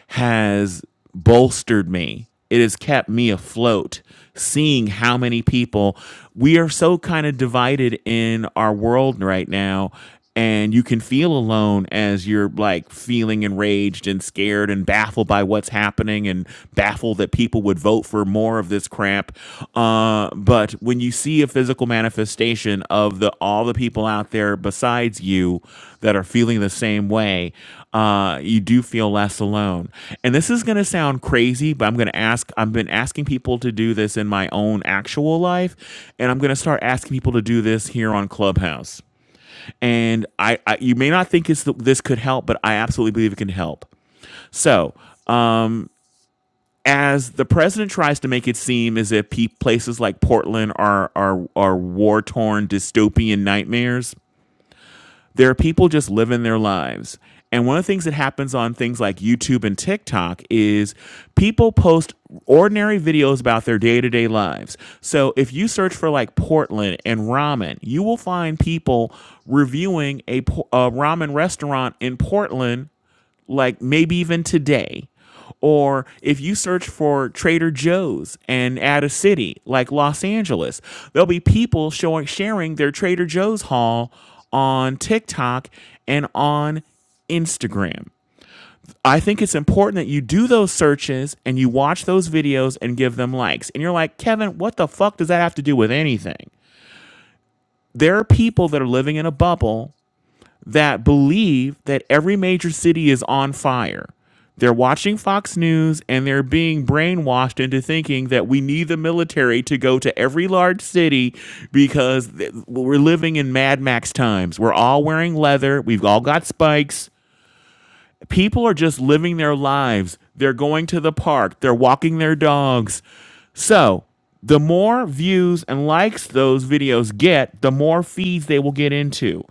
Speaker 1: has bolstered me. It has kept me afloat. Seeing how many people we are so kind of divided in our world right now. And you can feel alone as you're like feeling enraged and scared and baffled by what's happening and baffled that people would vote for more of this crap. Uh, but when you see a physical manifestation of the all the people out there besides you that are feeling the same way, uh, you do feel less alone. And this is going to sound crazy, but I'm going to ask, I've been asking people to do this in my own actual life, and I'm going to start asking people to do this here on Clubhouse. And I, I you may not think it's the, this could help, but I absolutely believe it can help. So, as the president tries to make it seem as if pe- places like Portland are are are war torn dystopian nightmares, There are people just living their lives. And one of the things that happens on things like YouTube and TikTok is people post ordinary videos about their day to day lives. So if you search for like Portland and ramen, you will find people reviewing a, a ramen restaurant in Portland like maybe even today. Or if you search for Trader Joe's and add a city like Los Angeles, there'll be people showing sharing their Trader Joe's haul on TikTok and on Instagram. I think it's important that you do those searches and you watch those videos and give them likes. And you're like, Kevin, what the fuck does that have to do with anything? There are people that are living in a bubble that believe that every major city is on fire. They're watching Fox News and they're being brainwashed into thinking that we need the military to go to every large city because th- we're living in Mad Max times. We're all wearing leather, we've all got spikes, people are just living their lives. They're going to the park, they're walking their dogs. So, the more views and likes those videos get, the more feeds they will get into.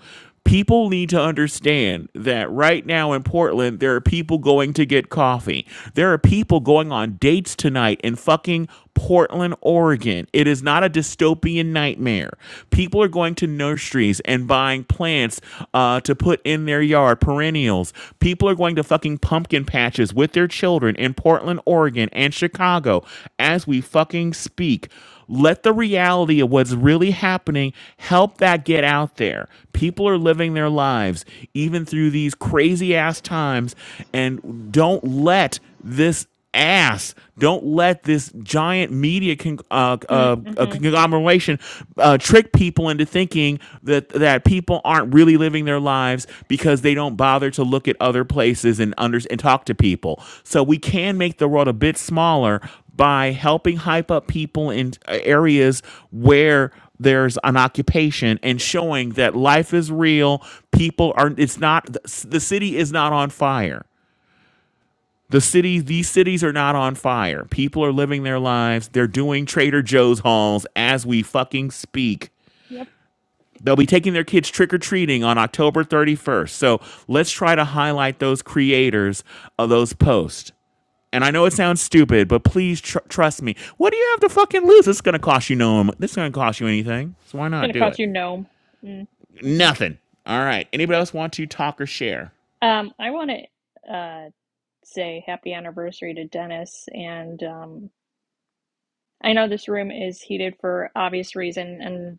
Speaker 1: People need to understand that right now in Portland, there are people going to get coffee. There are people going on dates tonight in fucking Portland, Oregon. It is not a dystopian nightmare. People are going to church trees and buying plants uh, to put in their yard, perennials. People are going to fucking pumpkin patches with their children in Portland, Oregon, and Chicago as we fucking speak. Let the reality of what's really happening help that get out there. People are living their lives even through these crazy ass times, and don't let this ass. Don't let this giant media con- uh, uh,
Speaker 2: Mm-hmm.
Speaker 1: uh,
Speaker 2: It's
Speaker 1: conglomeration uh, trick people into thinking that that people aren't really living their lives because they don't bother to look at other places and under- and talk to people. So we can make the world a bit smaller by helping hype up people in uh, areas where there's an occupation and showing that life is real people are it's not the city is not on fire the city, these cities are not on fire. People are living their lives. They're doing Trader Joe's hauls as we fucking speak. They'll be taking their kids trick or treating on October 31st. So let's try to highlight those creators of those posts. And I know it sounds stupid, but please tr- trust me. What do you have to fucking lose? This is going to cost you no. This is going to cost you anything. So why not
Speaker 2: gonna
Speaker 1: do
Speaker 2: cost
Speaker 1: it?
Speaker 2: you gnome. Mm-hmm.
Speaker 1: Nothing. All right. Anybody
Speaker 2: Yep.
Speaker 1: else want to talk or share?
Speaker 2: Um, I want to uh say happy anniversary to Dennis, and um, I know this room is heated for obvious reason, and.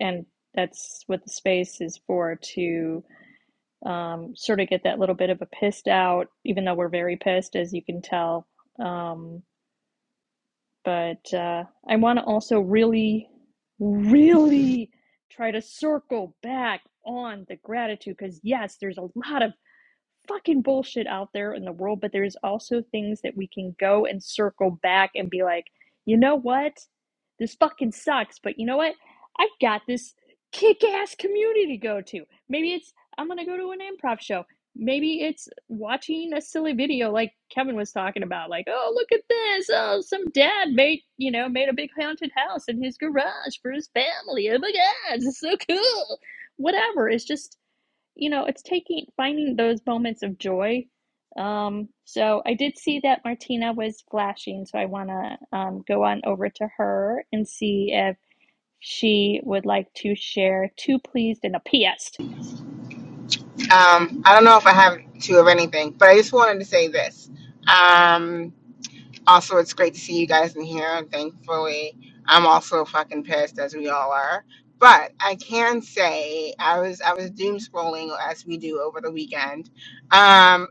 Speaker 2: and that's what the space is for to um, sort of get that little bit of a pissed out, even though we're very pissed, as you can tell. Um, but uh, I want to also really, really try to circle back on the gratitude because, yes, there's a lot of fucking bullshit out there in the world, but there's also things that we can go and circle back and be like, you know what? This fucking sucks, but you know what? I've got this kick ass community to go to. Maybe it's I'm gonna go to an improv show. Maybe it's watching a silly video like Kevin was talking about, like, oh look at this. Oh, some dad made you know, made a big haunted house in his garage for his family. Oh my god, it's so cool. Whatever. It's just you know, it's taking finding those moments of joy. Um, so I did see that Martina was flashing, so I want to um, go on over to her and see if she would like to share two pleased and a P S.
Speaker 6: Um, I don't know if I have two of anything, but I just wanted to say this. Um, also, it's great to see you guys in here. And thankfully, I'm also fucking pissed as we all are. But I can say I was I was doom scrolling as we do over the weekend, um,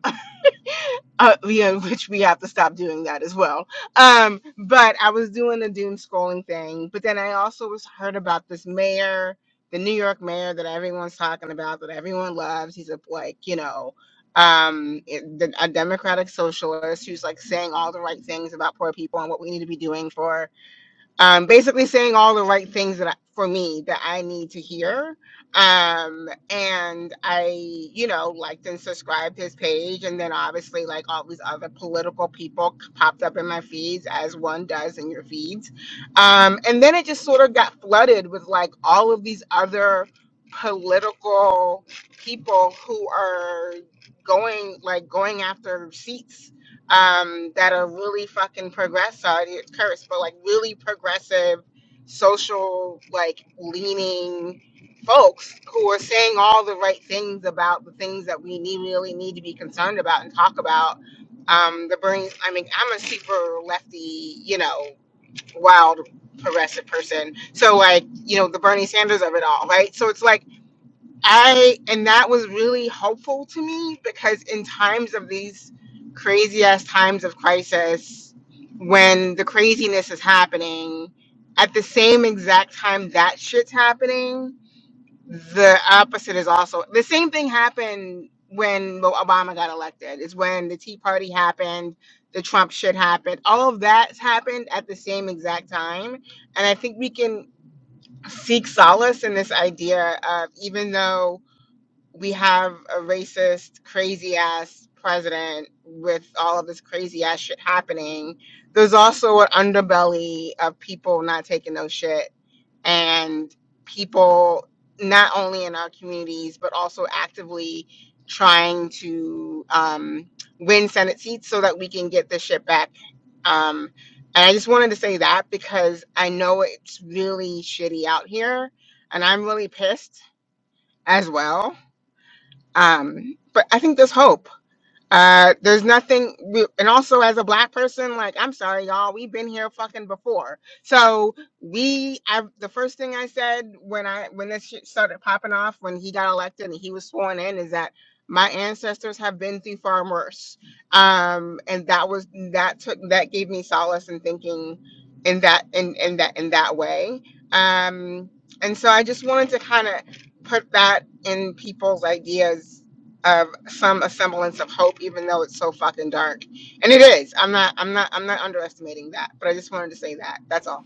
Speaker 6: uh, yeah, [LAUGHS] which we have to stop doing that as well. Um, but I was doing a doom scrolling thing, but then I also was heard about this mayor, the New York mayor that everyone's talking about, that everyone loves. He's a like, you know, um, it- the- a democratic socialist who's like saying all the right things about poor people and what we need to be doing for um, basically saying all the right things that I, for me that I need to hear. Um, and I, you know, liked and subscribed his page, and then obviously like all these other political people popped up in my feeds as one does in your feeds. Um, and then it just sort of got flooded with like all of these other political people who are going like going after seats um, that are really fucking progressive. It's cursed, but like really progressive, social, like leaning folks who are saying all the right things about the things that we need, really need to be concerned about and talk about. Um, the Bernie, I mean, I'm a super lefty, you know, wild progressive person. So like, you know, the Bernie Sanders of it all, right? So it's like I and that was really helpful to me because in times of these crazy ass times of crisis, when the craziness is happening, at the same exact time that shit's happening, the opposite is also the same thing happened when Obama got elected. Is when the Tea Party happened, the Trump shit happened. All of that's happened at the same exact time, and I think we can seek solace in this idea of even though we have a racist, crazy ass president with all of this crazy ass shit happening, there's also an underbelly of people not taking no shit and people not only in our communities but also actively trying to um, win Senate seats so that we can get this shit back. Um, and I just wanted to say that because I know it's really shitty out here and I'm really pissed as well um but i think there's hope uh there's nothing we, and also as a black person like i'm sorry y'all we've been here fucking before so we i the first thing i said when i when this shit started popping off when he got elected and he was sworn in is that my ancestors have been through far worse um and that was that took that gave me solace in thinking in that in in that in that way um and so i just wanted to kind of put that in people's ideas of some semblance of hope, even though it's so fucking dark. And it is. I'm not. I'm not. I'm not underestimating that. But I just wanted to say that. That's all.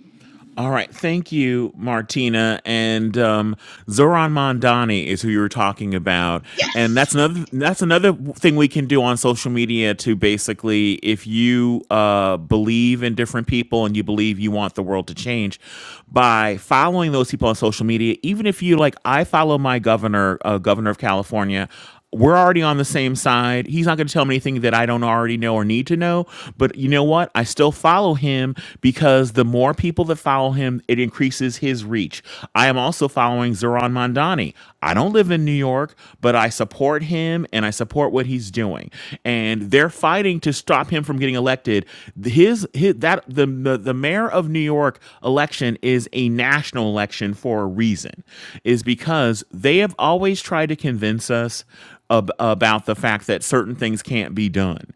Speaker 1: All right. Thank you, Martina. And um, Zoran Mondani is who you were talking about. And
Speaker 6: Yes.
Speaker 1: that's another that's another thing we can do on social media to basically, if you uh, believe in different people and you believe you want the world to change, by following those people on social media, even if you like, I follow my governor, uh, governor of California. We're already on the same side. He's not going to tell me anything that I don't already know or need to know. But you know what? I still follow him because the more people that follow him, it increases his reach. I am also following Zoran Mondani. I don't live in New York, but I support him and I support what he's doing. And they're fighting to stop him from getting elected. His his, his that the, the the mayor of New York election is a national election for a reason, is because they have always tried to convince us ab- about the fact that certain things can't be done.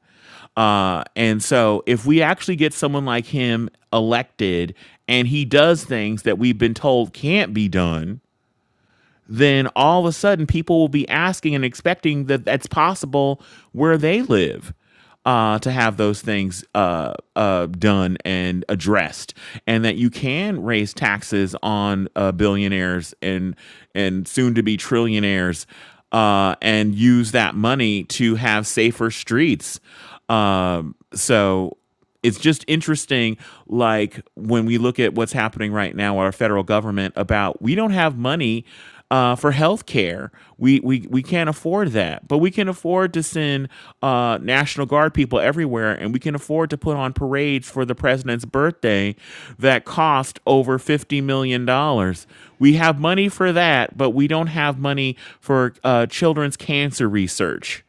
Speaker 1: Uh, and so if we actually get someone like him elected and he does things that we've been told can't be done, then all of a sudden people will be asking and expecting that that's possible where they live uh, to have those things uh, uh, done and addressed, and that you can raise taxes on uh, billionaires and and soon to be trillionaires, uh, and use that money to have safer streets. Um, so it's just interesting like when we look at what's happening right now with our federal government about we don't have money uh, for health care we, we we can't afford that but we can afford to send uh, national guard people everywhere and we can afford to put on parades for the president's birthday that cost over 50 million dollars we have money for that but we don't have money for uh, children's cancer research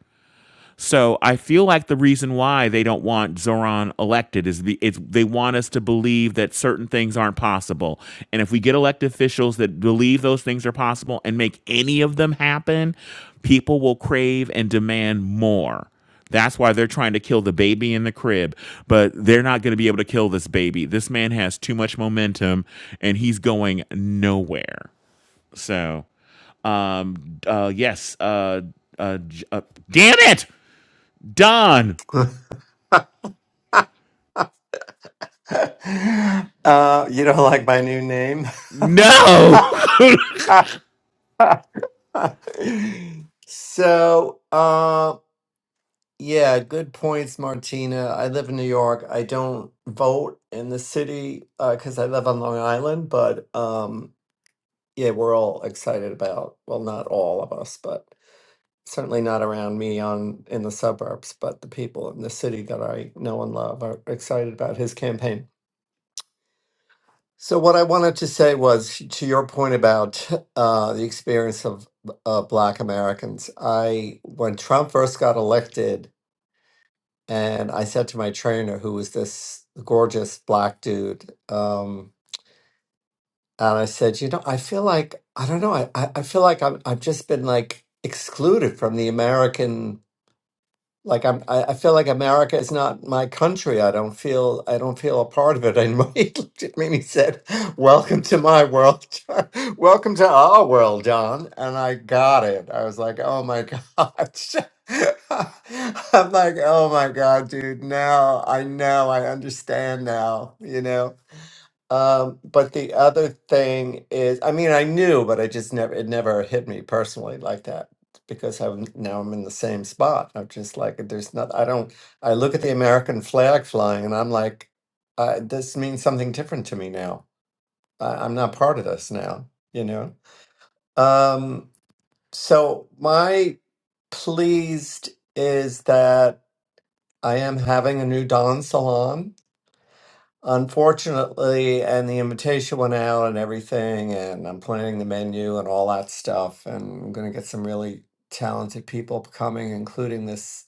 Speaker 1: so I feel like the reason why they don't want Zoran elected is the, it's they want us to believe that certain things aren't possible. And if we get elected officials that believe those things are possible and make any of them happen, people will crave and demand more. That's why they're trying to kill the baby in the crib, but they're not going to be able to kill this baby. This man has too much momentum and he's going nowhere. So, um, uh, yes, uh, uh, uh, damn it! Don,
Speaker 3: [LAUGHS] uh, you don't like my new name?
Speaker 1: no. [LAUGHS]
Speaker 3: [LAUGHS] so, uh, yeah, good points, Martina. I live in New York. I don't vote in the city because I live on Long Island, but um, yeah, we're all excited about, well, not all of us, but certainly not around me on in the suburbs, but the people in the city that I know and love are excited about his campaign. So what I wanted to say was to your point about uh, the experience of uh, Black Americans. I when Trump first got elected, and I said to my trainer, who was this gorgeous Black dude, um, and I said, you know, I feel like I don't know, I I I feel like I'm I've just been like excluded from the American like I'm I, I feel like America is not my country. I don't feel I don't feel a part of it. And [LAUGHS] he looked at [LAUGHS] me and he said, Welcome to my world. John. [LAUGHS] Welcome to our world, John. And I got it. I was like, Oh my gosh. [LAUGHS] I'm like, oh my God, dude. Now I know, I understand now, you know. Um, but the other thing is, I mean, I knew, but I just never, it never hit me personally like that because I'm now I'm in the same spot. I'm just like, there's not, I don't, I look at the American flag flying and I'm like, uh, this means something different to me now. I, I'm not part of this now, you know? Um, so my pleased is that I am having a new Dawn salon unfortunately, and the invitation went out and everything, and I'm planning the menu and all that stuff, and I'm gonna get some really talented people coming, including this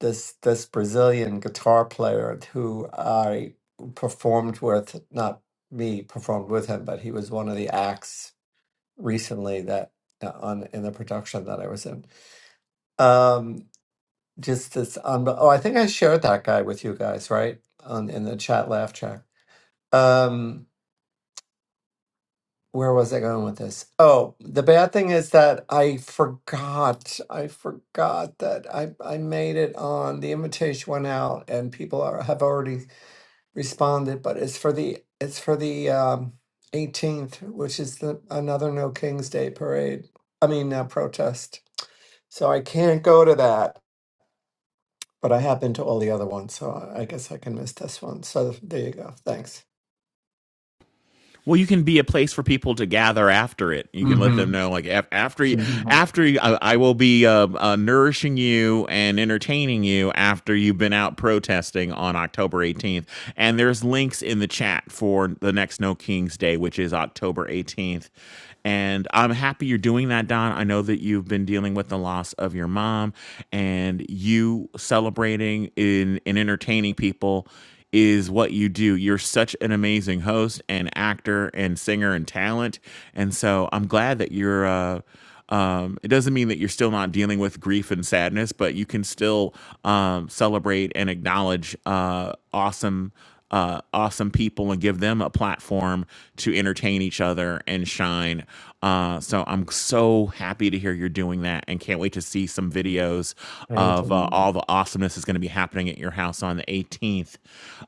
Speaker 3: this this Brazilian guitar player who I performed with, not me performed with him, but he was one of the acts recently that uh, on in the production that I was in. Um, just this unbe- oh, I think I shared that guy with you guys, right? On in the chat laugh track. Um, where was I going with this? Oh, the bad thing is that I forgot. I forgot that I I made it on the invitation went out and people are have already responded, but it's for the it's for the um 18th, which is the another No King's Day parade. I mean uh, protest. So I can't go to that, but I have been to all the other ones, so I I guess I can miss this one. So there you go. Thanks.
Speaker 1: Well, you can be a place for people to gather after it. You can let
Speaker 3: hmm
Speaker 1: them know, like after you, after you, I, I will be uh, uh, nourishing you and entertaining you after you've been out protesting on October 18th. And there's links in the chat for the next No Kings Day, which is October 18th. And I'm happy you're doing that, Don. I know that you've been dealing with the loss of your mom, and you celebrating in and entertaining people is what you do. You're such an amazing host and actor and singer and talent. And so I'm glad that you're uh um, it doesn't mean that you're still not dealing with grief and sadness, but you can still um, celebrate and acknowledge uh, awesome, uh, awesome people and give them a platform to entertain each other and shine. Uh, so I'm so happy to hear you're doing that and can't wait to see some videos
Speaker 3: Thank
Speaker 1: of uh, all the awesomeness that's going to be happening at your house on the 18th.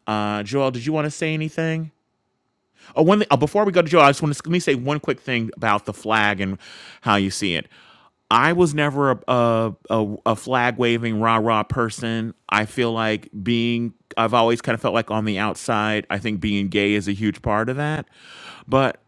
Speaker 1: Uh, Joel, did you want to say anything? Oh, one thing, oh, before we go to Joe, I just want to let me say one quick thing about the flag and how you see it. I was never a a, a, a flag waving rah rah person. I feel like being I've always kind of felt like on the outside. I think being gay is a huge part of that, but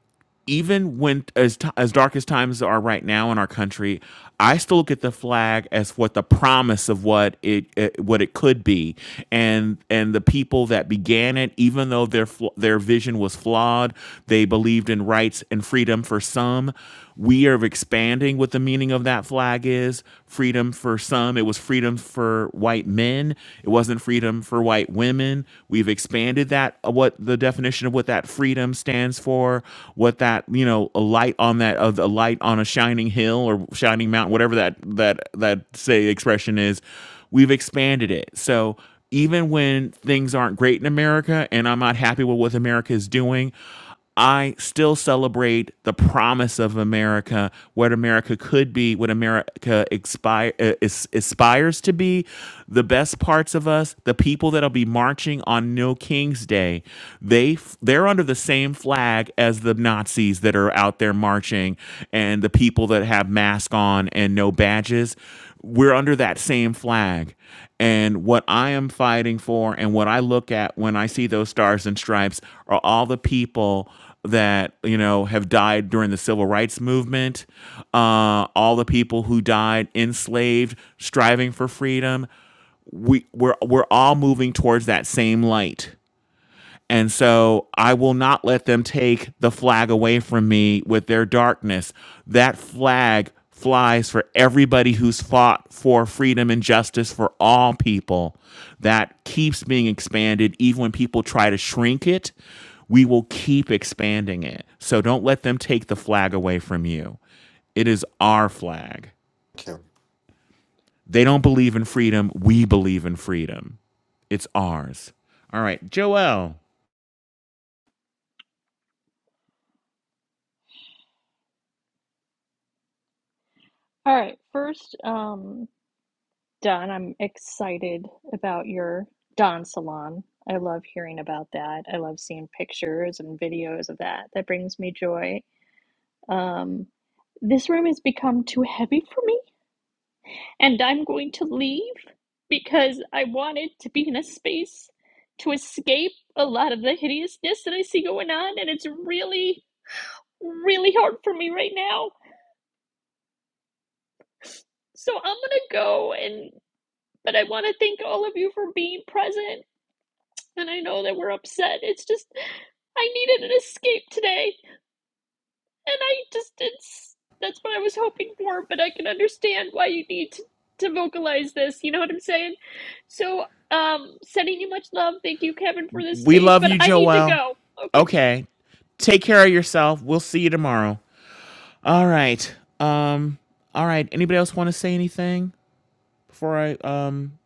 Speaker 1: even when as t- as dark as times are right now in our country, I still look at the flag as what the promise of what it, it what it could be, and and the people that began it, even though their fl- their vision was flawed, they believed in rights and freedom for some. We are expanding what the meaning of that flag is. Freedom for some, it was freedom for white men. It wasn't freedom for white women. We've expanded that uh, what the definition of what that freedom stands stands for, what that you know a light on that of a light on a shining hill or shining mountain, whatever that that that say expression is. We've expanded it so. Even when things aren't great in America and I'm not happy with what America is doing, I still celebrate the promise of America, what America could be, what America expire, uh, is, aspires to be, the best parts of us, the people that'll be marching on No King's Day. They they're under the same flag as the Nazis that are out there marching, and the people that have masks on and no badges. We're under that same flag, and what I am fighting for and what I look at when I see those stars and stripes are all the people that, you know, have died during the civil rights movement, uh, all the people who died enslaved, striving for freedom. We, we're, we're all moving towards that same light and so I will not let them take the flag away from me with their darkness. That flag flies for everybody who's fought for freedom and justice for all people. That keeps being expanded, even when people try to shrink it. We will keep expanding it. So don't let them take the flag away from you. It is our flag.
Speaker 3: you.
Speaker 1: They don't believe in freedom. We believe in freedom. It's ours. All right, Joel.
Speaker 2: All right, first, um, Don, I'm excited about your Don Salon. I love hearing about that. I love seeing pictures and videos of that. That brings me joy. Um, this room has become too heavy for me, and I'm going to leave because I wanted to be in a space to escape a lot of the hideousness that I see going on, and it's really, really hard for me right now. So I'm gonna go, and but I want to thank all of you for being present. And I know that we're upset. It's just I needed an escape today. and I just it's that's what I was hoping for, but I can understand why you need to, to vocalize this. You know what I'm saying? So, um, sending you much love. Thank you, Kevin, for this
Speaker 1: We
Speaker 2: space,
Speaker 1: love
Speaker 2: but
Speaker 1: you,
Speaker 2: I need to
Speaker 1: Joelle.
Speaker 2: go. Okay,
Speaker 1: Okay. Take care of yourself. We'll see you tomorrow. All right. Um all right. Anybody else want to say anything before I um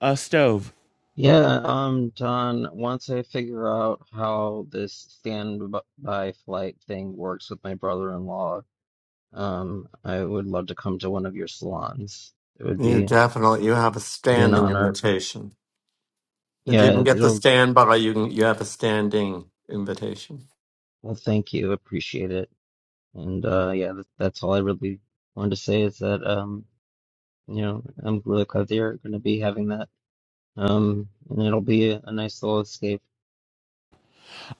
Speaker 1: uh stove?
Speaker 4: Yeah, I'm done. Once I figure out how this standby flight thing works with my brother-in-law, um, I would love to come to one of your salons. It would
Speaker 3: You
Speaker 4: be
Speaker 3: definitely you have a
Speaker 4: be an
Speaker 3: standing
Speaker 4: honor.
Speaker 3: invitation. If you
Speaker 4: Yeah,
Speaker 3: can get the
Speaker 4: it'll,
Speaker 3: standby, you can you have a standing invitation.
Speaker 4: well, thank you. Appreciate it. And uh yeah, that, that's all I really wanted to say is that um, you know, I'm really glad that you're going to be having that. Um, and it'll be a, a nice little escape.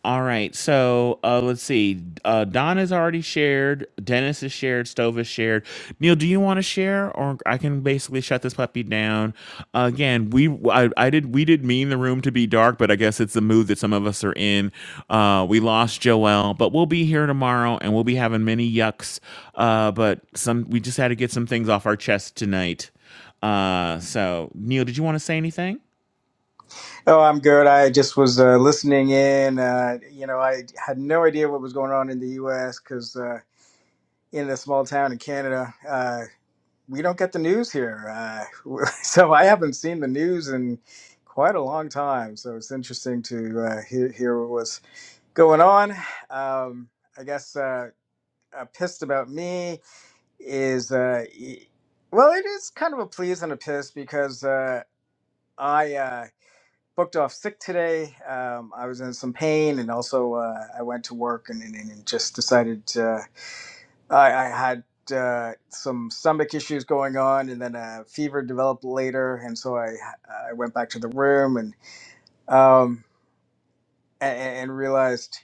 Speaker 1: All right. So uh, let's see. Uh, Don has already shared. Dennis has shared. Stove has shared. Neil, do you want to share, or I can basically shut this puppy down? again, we I, I did we did mean the room to be dark, but I guess it's the mood that some of us are in. Uh, we lost Joelle, but we'll be here tomorrow, and we'll be having many yucks. Uh, but some we just had to get some things off our chest tonight. Uh, so Neil, did you want to say anything?
Speaker 7: Oh, I'm good. I just was uh, listening in. Uh, you know, I had no idea what was going on in the U.S. because uh, in a small town in Canada, uh, we don't get the news here. Uh, [LAUGHS] so I haven't seen the news in quite a long time. So it's interesting to uh, hear, hear what was going on. Um, I guess uh, a pissed about me is, uh, e- well, it is kind of a please and a piss because uh, I. Uh, booked off sick today. Um, I was in some pain, and also uh, I went to work and, and, and just decided uh, I, I had uh, some stomach issues going on, and then a fever developed later, and so I I went back to the room and um, and, and realized,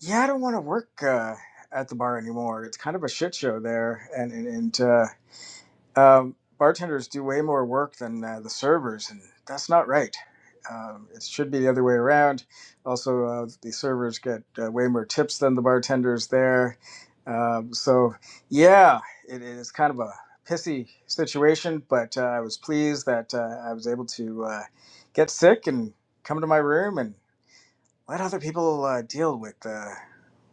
Speaker 7: yeah, I don't want to work uh, at the bar anymore. It's kind of a shit show there, and and, and uh, um, bartenders do way more work than uh, the servers, and that's not right. Um, it should be the other way around. Also, uh, the servers get uh, way more tips than the bartenders there. Um, so, yeah, it is kind of a pissy situation, but uh, I was pleased that uh, I was able to uh, get sick and come to my room and let other people uh, deal with uh,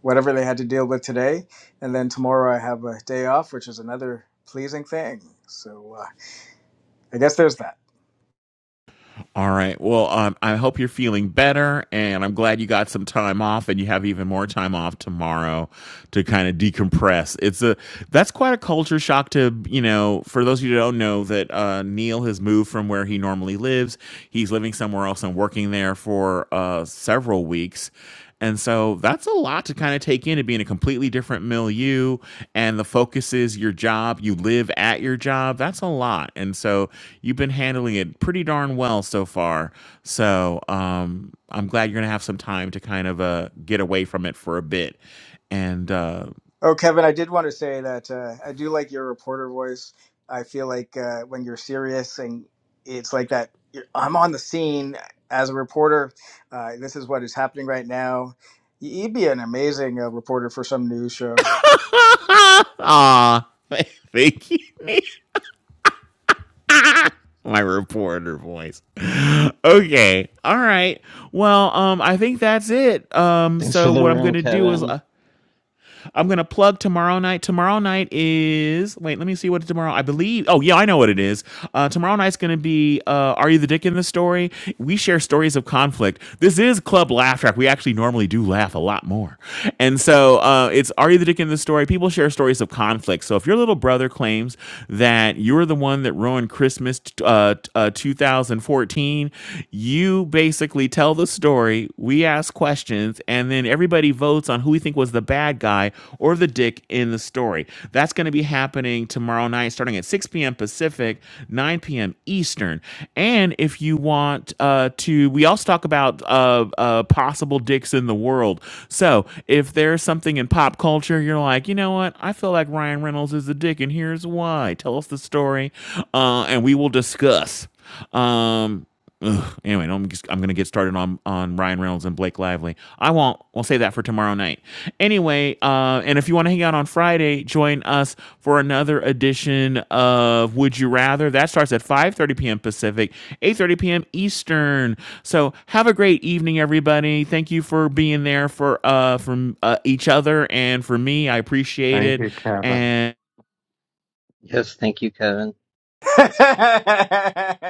Speaker 7: whatever they had to deal with today. And then tomorrow I have a day off, which is another pleasing thing. So uh, I guess there's that.
Speaker 1: All right. Well, um, I hope you're feeling better, and I'm glad you got some time off, and you have even more time off tomorrow to kind of decompress. It's a that's quite a culture shock to you know. For those of you who don't know, that uh, Neil has moved from where he normally lives. He's living somewhere else and working there for uh, several weeks, and so that's a lot to kind of take in to be in a completely different milieu. And the focus is your job. You live at your job. That's a lot. And so you've been handling it pretty darn well so far. So um, I'm glad you're going to have some time to kind of uh, get away from it for a bit. And uh,
Speaker 7: Oh, Kevin, I did want to say that uh, I do like your reporter voice. I feel like uh, when you're serious and it's like that, you're, I'm on the scene as a reporter. Uh, this is what is happening right now. Y- You'd be an amazing uh, reporter for some news show.
Speaker 1: [LAUGHS] aw, [LAUGHS] thank you. My reporter voice. [LAUGHS] Okay. All right. Well, um, I think that's it. Um,
Speaker 4: Thanks for
Speaker 1: so
Speaker 4: the
Speaker 1: what I'm
Speaker 4: room,
Speaker 1: gonna do is
Speaker 4: Kevin.
Speaker 1: Uh, I'm gonna plug tomorrow night. Tomorrow night is wait, let me see what tomorrow. I believe. Oh yeah, I know what it is. Uh, tomorrow night's gonna be uh, Are You the Dick in the Story? We share stories of conflict. This is Club Laugh Track. We actually normally do laugh a lot more, and so uh, it's Are You the Dick in the Story? People share stories of conflict. So if your little brother claims that you're the one that ruined Christmas uh, uh, 2014, you basically tell the story. We ask questions, and then everybody votes on who we think was the best bad guy or the dick in the story. That's going to be happening tomorrow night, starting at 6 p.m. Pacific, 9 p.m. Eastern. And if you want uh, to, we also talk about uh, uh, possible dicks in the world. So if there's something in pop culture, you're like, you know what? I feel like Ryan Reynolds is a dick, and here's why. Tell us the story, uh, and we will discuss. Um, ugh, anyway, I'm, just, I'm gonna get started on on Ryan Reynolds and Blake Lively. I won't. We'll save that for tomorrow night. Anyway, uh, and if you want to hang out on Friday, join us for another edition of Would You Rather. That starts at 5:30 p.m. Pacific, 8:30 p.m. Eastern. So have a great evening, everybody. Thank you for being there for uh, from uh, each other and for me. I appreciate
Speaker 3: Thank
Speaker 1: it.
Speaker 3: you, Kevin.
Speaker 1: And
Speaker 4: Yes, thank you, Kevin.
Speaker 7: [LAUGHS] that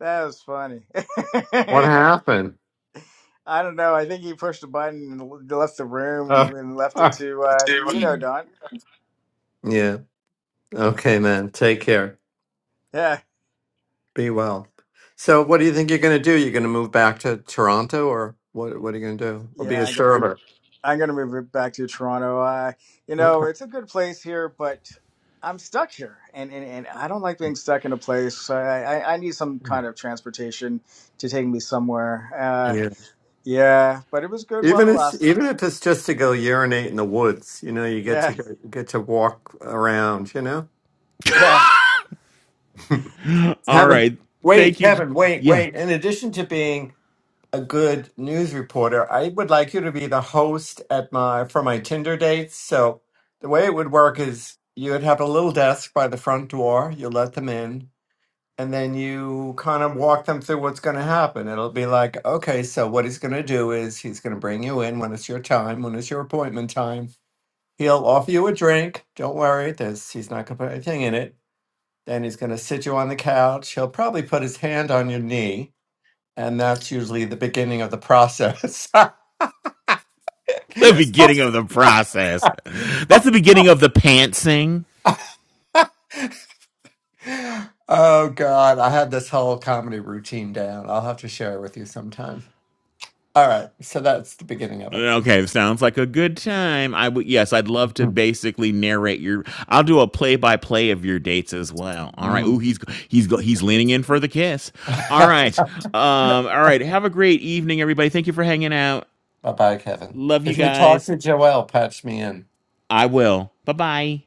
Speaker 7: was funny.
Speaker 3: What
Speaker 7: [LAUGHS]
Speaker 3: happened?
Speaker 7: I don't know. I think he pushed a button and left the
Speaker 3: Uh,
Speaker 7: room and left it
Speaker 3: [LAUGHS]
Speaker 7: to uh, you know Don.
Speaker 3: yeah. Okay, man. Take care.
Speaker 7: Yeah,
Speaker 3: Be well. So, what do you think you're going to do? You're going to move back to Toronto, or what? What are you going to do? Or be
Speaker 7: yeah.
Speaker 3: a
Speaker 7: I'm gonna move.
Speaker 3: server?
Speaker 7: I'm gonna move it back to Toronto. Uh, you
Speaker 3: Okay.
Speaker 7: know, it's a good place here, but I'm stuck here, and and, and I don't like being stuck in a place. So I, I I need some
Speaker 3: Yeah.
Speaker 7: kind of transportation to take me somewhere. Uh,
Speaker 3: Yeah.
Speaker 7: yeah, but it was good while
Speaker 3: Even
Speaker 7: it
Speaker 3: if
Speaker 7: lasted.
Speaker 3: even if it's just to go urinate in the woods, you know, you get to
Speaker 7: Yeah,
Speaker 3: go, get to walk around. You know.
Speaker 7: [LAUGHS] yeah.
Speaker 1: all
Speaker 3: Kevin,
Speaker 1: right, thank
Speaker 3: wait,
Speaker 1: you.
Speaker 3: Kevin, wait,
Speaker 1: Yeah
Speaker 3: wait. In addition to being a good news reporter, I would like you to be the host at my for my Tinder dates. So the way it would work is you'd have a little desk by the front door, you let them in, and then you kind of walk them through what's going to happen. It'll be like, okay, so what he's going to do is he's going to bring you in when it's your time, when it's your appointment time. He'll offer you a drink. Don't worry, there's he's not going to put anything in it then he's going to sit you on the couch. He'll probably put his hand on your knee, and that's usually the beginning of the process. [LAUGHS]
Speaker 1: the beginning of the process. That's the beginning of the pantsing.
Speaker 3: oh God, I had this whole comedy routine down. I'll have to share it with you sometime. All right, so that's the beginning of it.
Speaker 1: Okay, sounds like a good time. I would yes, I'd love
Speaker 3: [LAUGHS]
Speaker 1: to basically narrate your. I'll do a play by play of your dates as well. All right. Ooh, he's he's he's leaning in for the kiss. All
Speaker 3: bye
Speaker 1: right. Um. All right. Have a great evening, everybody. Thank you for hanging out.
Speaker 3: bye, Kevin.
Speaker 1: Love you
Speaker 3: If you talk to
Speaker 1: guys.
Speaker 3: Joelle, patch me in.
Speaker 1: I will. Bye bye.